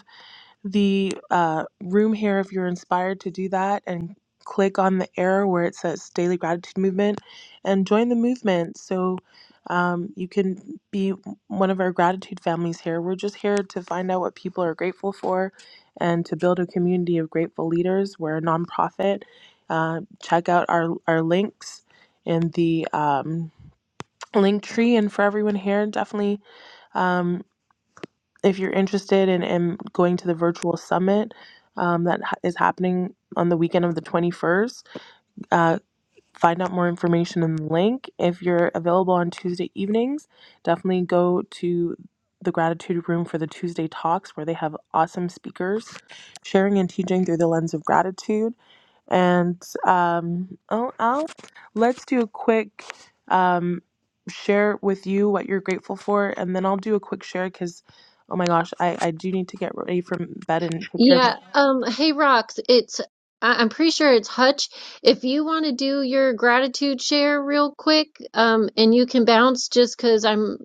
S2: the uh, room here if you're inspired to do that and click on the arrow where it says daily gratitude movement and join the movement so um, you can be one of our gratitude families here we're just here to find out what people are grateful for and to build a community of grateful leaders we're a nonprofit uh, check out our, our links in the um, link tree and for everyone here definitely Um, if you're interested in, in going to the virtual summit um, that ha- is happening on the weekend of the 21st, uh, find out more information in the link. If you're available on Tuesday evenings, definitely go to the gratitude room for the Tuesday talks where they have awesome speakers sharing and teaching through the lens of gratitude. And um, oh, oh, let's do a quick um, share with you what you're grateful for, and then I'll do a quick share because, oh my gosh, I, I do need to get ready for bed and take care of my
S1: Yeah, um, hey Rox, it's I- I'm pretty sure it's Hutch. If you want to do your gratitude share real quick, um, and you can bounce just 'cause I'm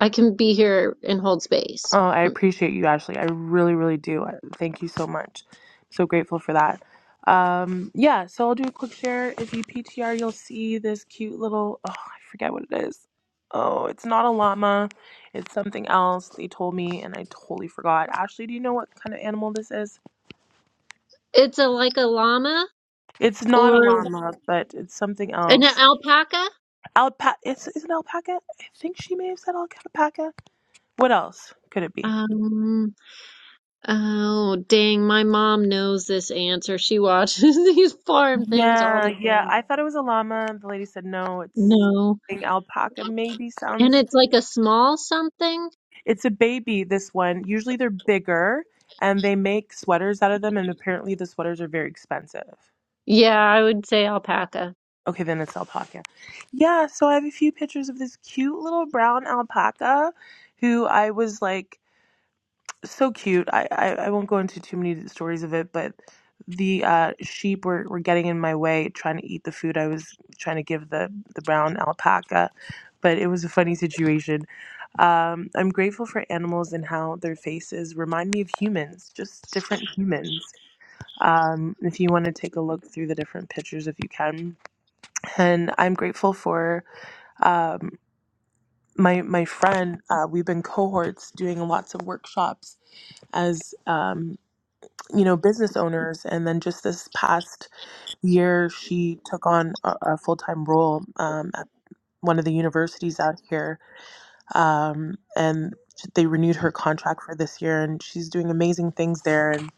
S1: I can be here and hold space.
S2: Oh, I
S1: Um,
S2: appreciate you, Ashley. I really, really do. I- Thank you so much. So grateful for that. Um, yeah, so I'll do a quick share. If you PTR, you'll see this cute little, oh, I forget what it is. Oh, it's not a llama. It's something else. They told me and I totally forgot. Ashley, do you know what kind of animal this is?
S1: It's a like a llama
S2: It's not a
S1: or
S2: llama, but it's something
S1: an
S2: else.
S1: alpaca.
S2: Alpaca. It's, is it alpaca? I think she may have said alpaca. What else could it be?
S1: Um, Oh, dang, my mom knows this answer. She watches these farm things all
S2: Yeah,
S1: the
S2: yeah.
S1: time.
S2: I thought it was a llama. The lady said no, it's
S1: No.
S2: an alpaca. Maybe
S1: And
S2: sounds.
S1: it's like a small something?
S2: It's a baby. This one. Usually they're bigger, and they make sweaters out of them. And apparently the sweaters are very expensive.
S1: Yeah, I would say alpaca.
S2: Okay, then it's alpaca. Yeah. So I have a few pictures of this cute little brown alpaca, who I was like so cute. I, I, I won't go into too many stories of it, but the uh, sheep were, were getting in my way trying to eat the food I was trying to give the, the brown alpaca. But it was a funny situation. Um, I'm grateful for animals and how their faces remind me of humans, just different humans. Um, if you want to take a look through the different pictures, if you can. And I'm grateful for um, my my friend. Uh, we've been cohorts doing lots of workshops as um, you know business owners and then just this past year she took on a, a full-time role um, at one of the universities out here um, and they renewed her contract for this year and she's doing amazing things there and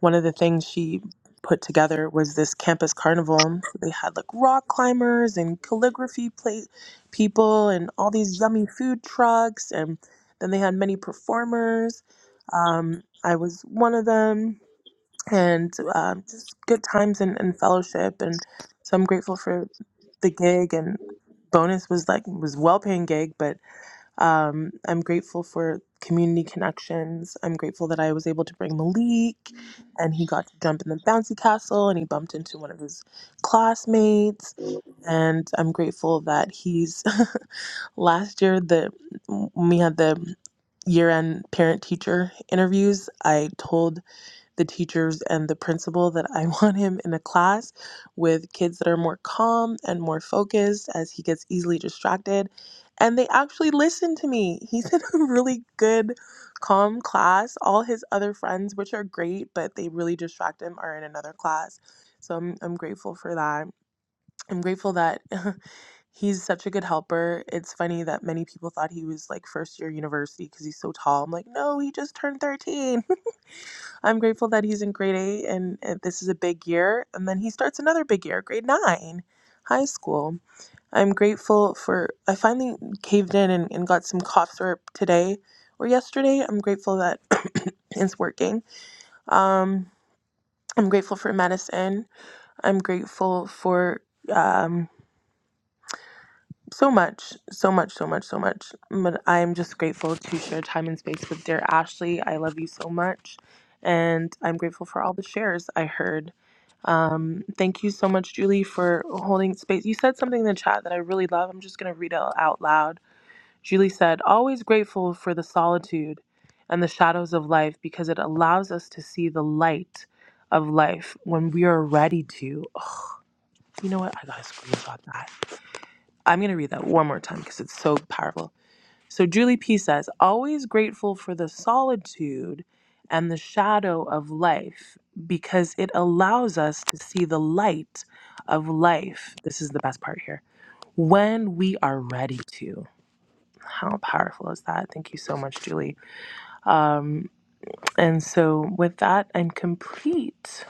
S2: one of the things she put together was this campus carnival they had like rock climbers and calligraphy play- people and all these yummy food trucks and then they had many performers um, i was one of them and um, just good times and, and fellowship. And so I'm grateful for the gig and bonus was like was well paying gig, but um, I'm grateful for community connections. I'm grateful that I was able to bring Malik, and he got to jump in the bouncy castle, and he bumped into one of his classmates. And I'm grateful that he's last year the when we had the year end parent teacher interviews. I told the teachers and the principal that I want him in a class with kids that are more calm and more focused as he gets easily distracted. And they actually listened to me. He's in a really good, calm class. All his other friends, which are great, but they really distract him, are in another class. So I'm, I'm grateful for that. I'm grateful that he's such a good helper. It's funny that many people thought he was like first year university because he's so tall. I'm like, no, he just turned 13. I'm grateful that he's in grade eight and uh, this is a big year. And then he starts another big year, grade nine, high school. I'm grateful for, I finally caved in and, and got some cough syrup today or yesterday. I'm grateful that it's working. Um, I'm grateful for medicine. I'm grateful for. um, so much, so much, so much, so much. But I'm just grateful to share time and space with dear Ashley. I love you so much. And I'm grateful for all the shares I heard. Um, thank you so much, Julie, for holding space. You said something in the chat that I really love. I'm just going to read it out loud. Julie said, Always grateful for the solitude and the shadows of life because it allows us to see the light of life when we are ready to. Oh, you know what? I got to screenshot that. I'm going to read that one more time because it's so powerful. So Julie P says, always grateful for the solitude and the shadow of life because it allows us to see the light of life. This is the best part here. When we are ready to. How powerful is that? Thank you so much, Julie. Um, and so, with that, I'm complete.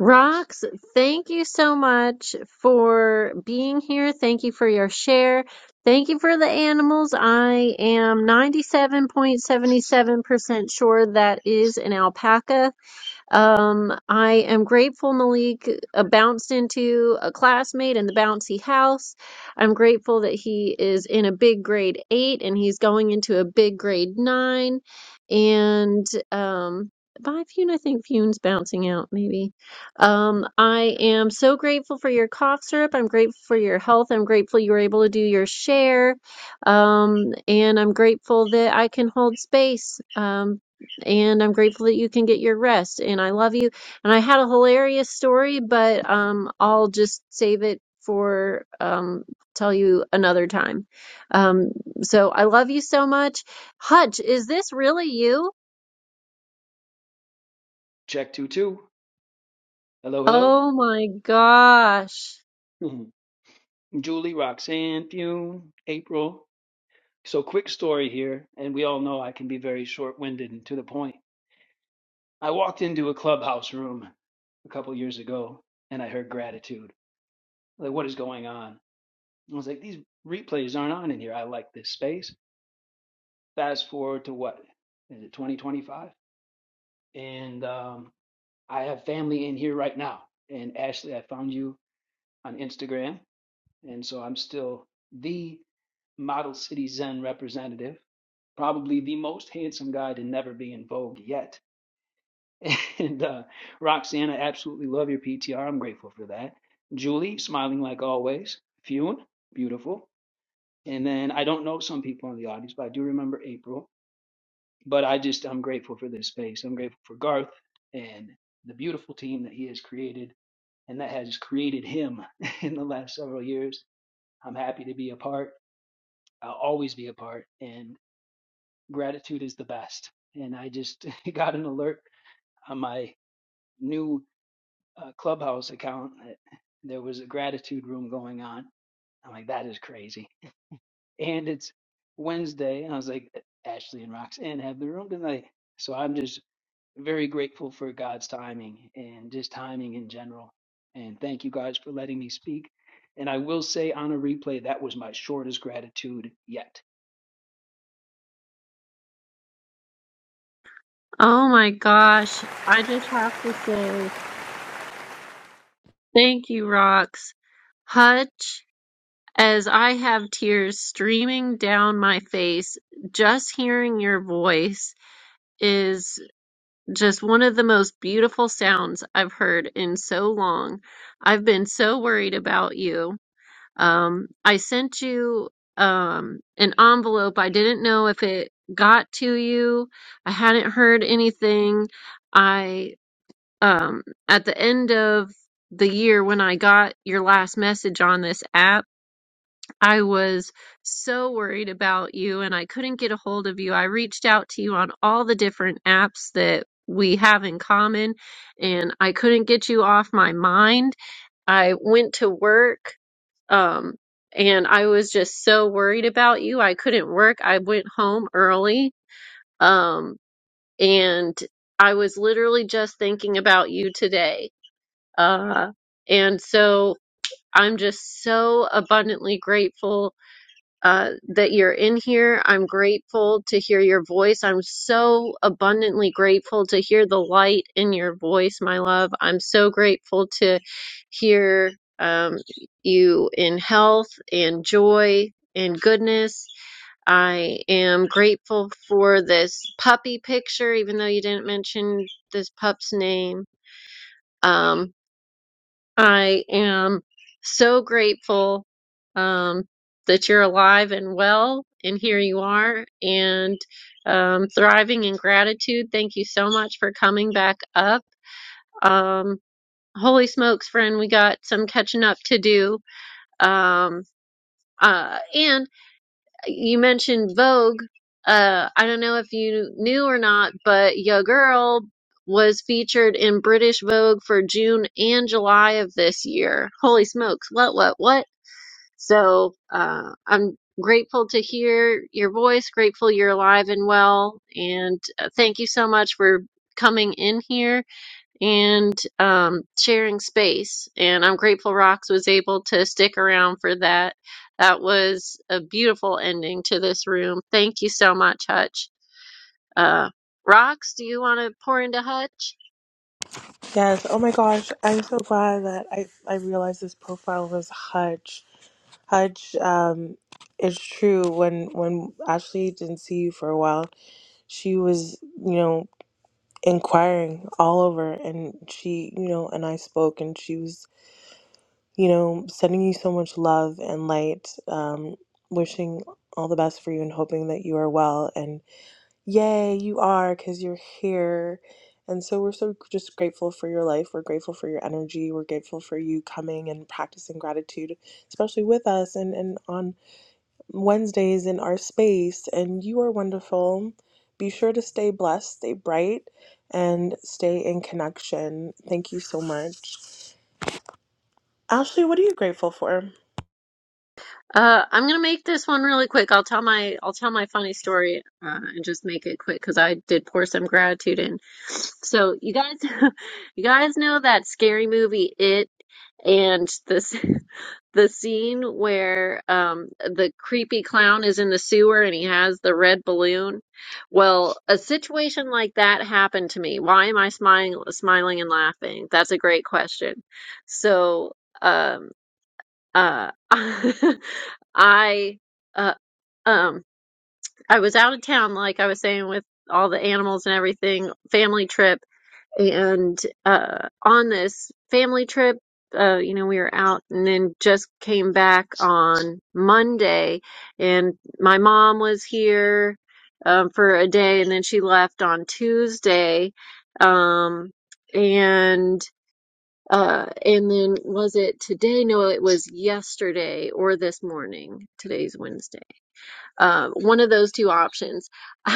S1: Rox, thank you so much for being here. Thank you for your share. Thank you for the animals. I am 97.77% sure that is an alpaca. Um, I am grateful Malik uh, bounced into a classmate in the bouncy house. I'm grateful that he is in a big grade eight and he's going into a big grade nine. And um, by Fune, I think Fune's bouncing out maybe. Um, I am so grateful for your cough syrup. I'm grateful for your health. I'm grateful you were able to do your share. Um, and I'm grateful that I can hold space. Um, and I'm grateful that you can get your rest. And I love you. And I had a hilarious story, but um, I'll just save it for um, tell you another time. Um, so I love you so much. Hutch, is this really you?
S12: Check two two. Hello, hello.
S1: Oh my gosh.
S12: Mm-hmm. Julie, Roxanne, Fune, April. So quick story here, and we all know I can be very short winded and to the point. I walked into a clubhouse room a couple years ago and I heard gratitude. Like, what is going on? I was like, these replays aren't on in here. I like this space. Fast forward to what? Is it 2025? And um, I have family in here right now. And Ashley, I found you on Instagram And so I'm still the Model City Zen representative, probably the most handsome guy to never be in Vogue yet. And uh, Roxanne, I absolutely love your PTR. I'm grateful for that. Julie, smiling like always. Fune, beautiful. And then I don't know some people in the audience, but I do remember April. But I just, I'm grateful for this space. I'm grateful for Garth and the beautiful team that he has created and that has created him in the last several years. I'm happy to be a part. I'll always be a part. And gratitude is the best. And I just got an alert on my new uh, Clubhouse account that there was a gratitude room going on. I'm like, that is crazy. And it's Wednesday. And I was like, Ashley and Roxanne have the room tonight. So I'm just very grateful for God's timing and just timing in general. And thank you guys for letting me speak. And I will say on a replay, that was my shortest gratitude yet
S1: Oh my gosh. I just have to say thank you, Rox. Hutch, as I have tears streaming down my face, just hearing your voice is Just one of the most beautiful sounds I've heard in so long. I've been so worried about you. Um, I sent you um, an envelope. I didn't know if it got to you. I hadn't heard anything. I um, at the end of the year when I got your last message on this app. I was so worried about you and I couldn't get a hold of you. I reached out to you on all the different apps that we have in common and I couldn't get you off my mind. I went to work um and I was just so worried about you. I couldn't work. I went home early um and I was literally just thinking about you today. Uh and so I'm just so abundantly grateful uh, that you're in here. I'm grateful to hear your voice. I'm so abundantly grateful to hear the light in your voice, my love. I'm so grateful to hear um, you in health and joy and goodness. I am grateful for this puppy picture, even though you didn't mention this pup's name. Um, I am so grateful um, that you're alive and well, and here you are, and um, thriving in gratitude. Thank you so much for coming back up. Um, holy smokes, friend, we got some catching up to do. Um, uh, and you mentioned Vogue. Uh, I don't know if you knew or not, but Yo Girl was featured in British Vogue for June and July of this year. Holy smokes, what, what, what? So uh, I'm grateful to hear your voice, grateful you're alive and well, and uh, thank you so much for coming in here and um, sharing space. And I'm grateful Rox was able to stick around for that. That was a beautiful ending to this room. Thank you so much, Hutch. Uh, Rox, do you want to pour into Hutch?
S2: Yes. Oh my gosh. I'm so glad that I, I realized this profile was Hudge. Hudge, um, it's true. When when Ashley didn't see you for a while, she was, you know, inquiring all over and she, you know, and I spoke and she was, you know, sending you so much love and light, um, wishing all the best for you and hoping that you are well Yay, you are, because you're here. And so we're so just grateful for your life. We're grateful for your energy. We're grateful for you coming and practicing gratitude, especially with us and, and on Wednesdays in our space. And you are wonderful. Be sure to stay blessed, stay bright, and stay in connection. Thank you so much. Ashley, what are you grateful for?
S1: Uh, I'm gonna make this one really quick. I'll tell my I'll tell my funny story uh, and just make it quick because I did pour some gratitude in. So you guys, you guys know that scary movie It and this the scene where um the creepy clown is in the sewer and he has the red balloon. Well, a situation like that happened to me. Why am I smiling smiling and laughing? That's a great question. So. Um, uh, I uh, um I was out of town, like I was saying, with all the animals and everything, family trip, and uh, on this family trip, uh, you know, we were out and then just came back on Monday, and my mom was here um, for a day, and then she left on Tuesday, um, and. Uh, and then was it today? No, it was yesterday or this morning. Today's Wednesday. Um, one of those two options.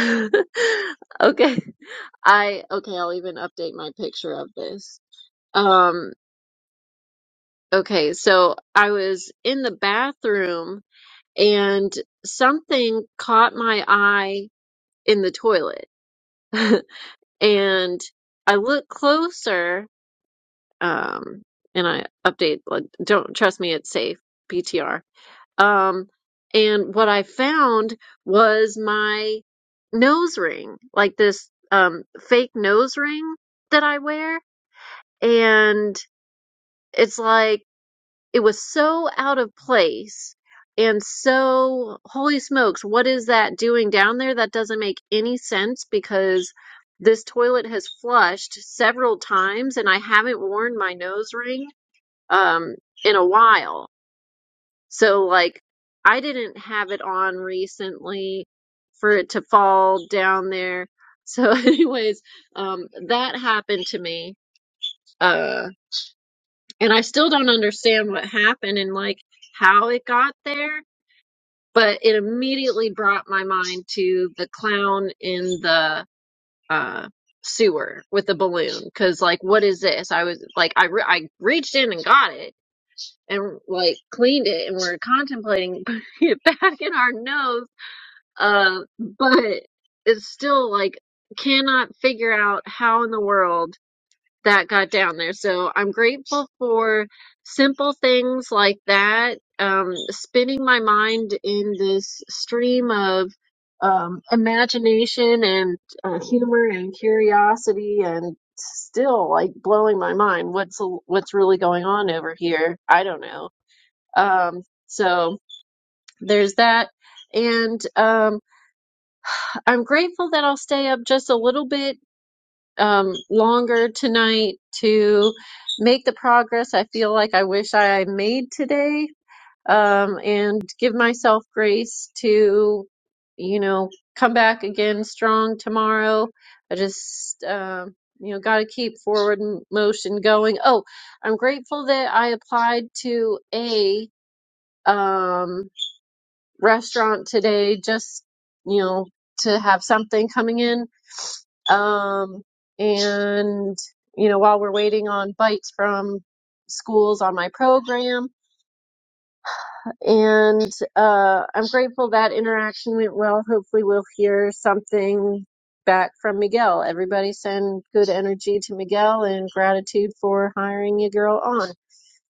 S1: Okay. I, okay, I'll even update my picture of this. Um, okay, so I was in the bathroom and something caught my eye in the toilet. And I looked closer, um, and I update, like, don't trust me, it's safe. PTR Um, and what I found was my nose ring, like this um, fake nose ring that I wear. And it's like, it was so out of place. And so, holy smokes, what is that doing down there? That doesn't make any sense because this toilet has flushed several times and I haven't worn my nose ring um, in a while so like I didn't have it on recently for it to fall down there. So anyways, um that happened to me. Uh and I still don't understand what happened and like how it got there, but it immediately brought my mind to the clown in the uh sewer with the balloon cuz like what is this? I was like I re- I reached in and got it and like cleaned it and we're contemplating putting it back in our nose Uh, but it's still like cannot figure out how in the world that got down there. So I'm grateful for simple things like that. Um, spinning my mind in this stream of um, imagination and uh, humor and curiosity and still like blowing my mind what's what's really going on over here i don't know um so there's that and um I'm grateful that I'll stay up just a little bit um, longer tonight to make the progress I feel like I wish I made today, um, and give myself grace to, you know, come back again strong tomorrow. I just, um, you know, got to keep forward m- motion going. Oh, I'm grateful that I applied to a um, restaurant today, just, you know, to have something coming in um, and, you know, while we're waiting on bites from schools on my program, and uh, I'm grateful that interaction went well. Hopefully, we'll hear something back from Miguel. Everybody send good energy to Miguel and gratitude for hiring your girl on.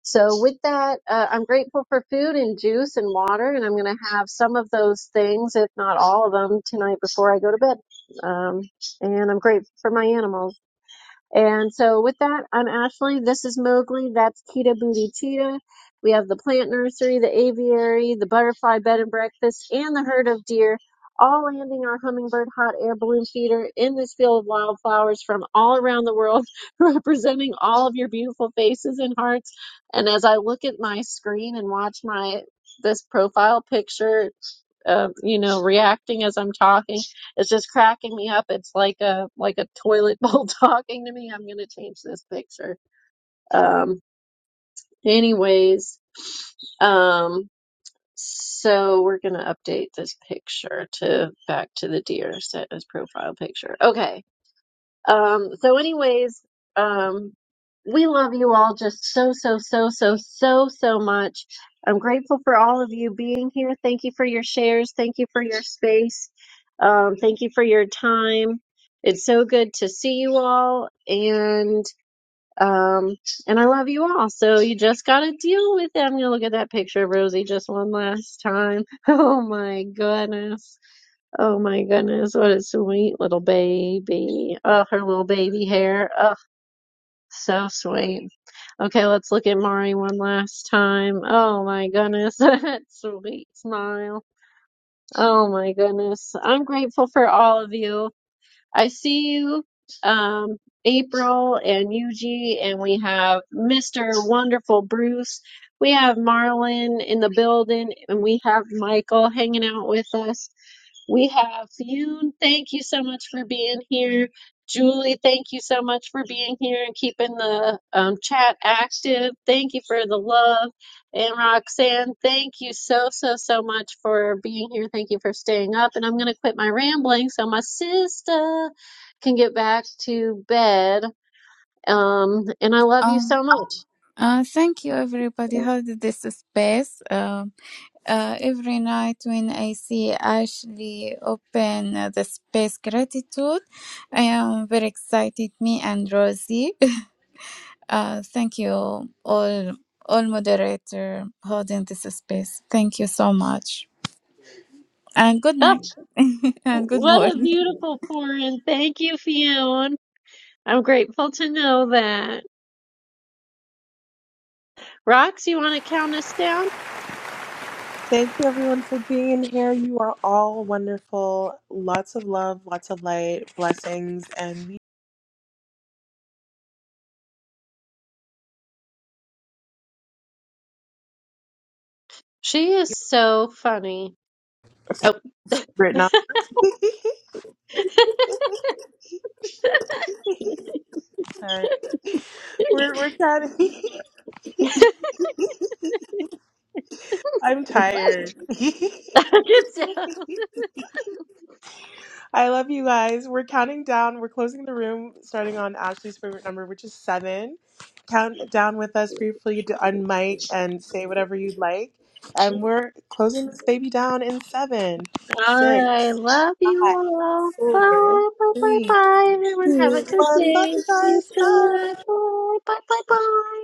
S1: So, with that, uh, I'm grateful for food and juice and water, and I'm going to have some of those things, if not all of them, tonight before I go to bed. Um, and I'm grateful for my animals. And so, with that, I'm Ashley. This is Mowgli. That's Kita Booty Cheetah. We have the plant nursery, the aviary, the butterfly bed and breakfast, and the herd of deer, all landing our hummingbird hot air balloon feeder in this field of wildflowers from all around the world, representing all of your beautiful faces and hearts. And as I look at my screen and watch my this profile picture uh, you know, reacting as I'm talking. It's just cracking me up. It's like a like a toilet bowl talking to me. I'm gonna change this picture. Um, anyways, um, so we're gonna update this picture to back to the deer set as profile picture. Okay um, so anyways, um, we love you all just so, so, so, so, so, so much. I'm grateful for all of you being here. Thank you for your shares. Thank you for your space. Um, thank you for your time. It's so good to see you all and um and I love you all. So you just gotta deal with it. I'm gonna look at that picture of Rosie just one last time. Oh my goodness. Oh my goodness, what a sweet little baby. Oh, her little baby hair. Oh, so sweet. Okay, let's look at Mari one last time. Oh my goodness, that sweet smile. Oh my goodness. I'm grateful for all of you. I see you, um, April and Yuji, and we have Mr. Wonderful Bruce. We have Marlon in the building, and we have Michael hanging out with us. We have Yoon, thank you so much for being here. Julie, thank you so much for being here and keeping the um, chat active. Thank you for the love. And Roxanne, thank you so, so, so much for being here. Thank you for staying up. And I'm going to quit my rambling so my sister can get back to bed. Um, and I love you
S11: Um,
S1: so much.
S11: Uh, thank you, everybody. Held this space. Um, uh, every night when I see Ashley open uh, the space gratitude, I am very excited. Me and Rosie. uh, thank you all, all moderator holding this space. Thank you so much, and good
S1: Oh,
S11: night, and good
S1: what a
S11: morning.
S1: beautiful pour in. Thank you, Fionn. I'm grateful to know that. Rox, you want to count us down?
S2: Thank you everyone for being here. You are all wonderful. Lots of love, lots of light, blessings, and we.
S1: She is so funny. Oh,
S2: written. Sorry. We're we're counting. I'm tired. I love you guys. We're counting down. We're closing the room, starting on Ashley's favorite number, which is seven. Count down with us briefly to unmic and say whatever you'd like. And we're closing this baby down in seven,
S1: all right.
S2: six,
S1: Love you
S2: five,
S1: all.
S2: four,
S1: Bye, bye, bye,
S2: three,
S1: bye. Everyone have a
S2: two,
S1: good
S2: one. Love
S1: day.
S2: you
S1: Sleep
S2: guys. Bye.
S1: good. Bye, bye, bye, bye.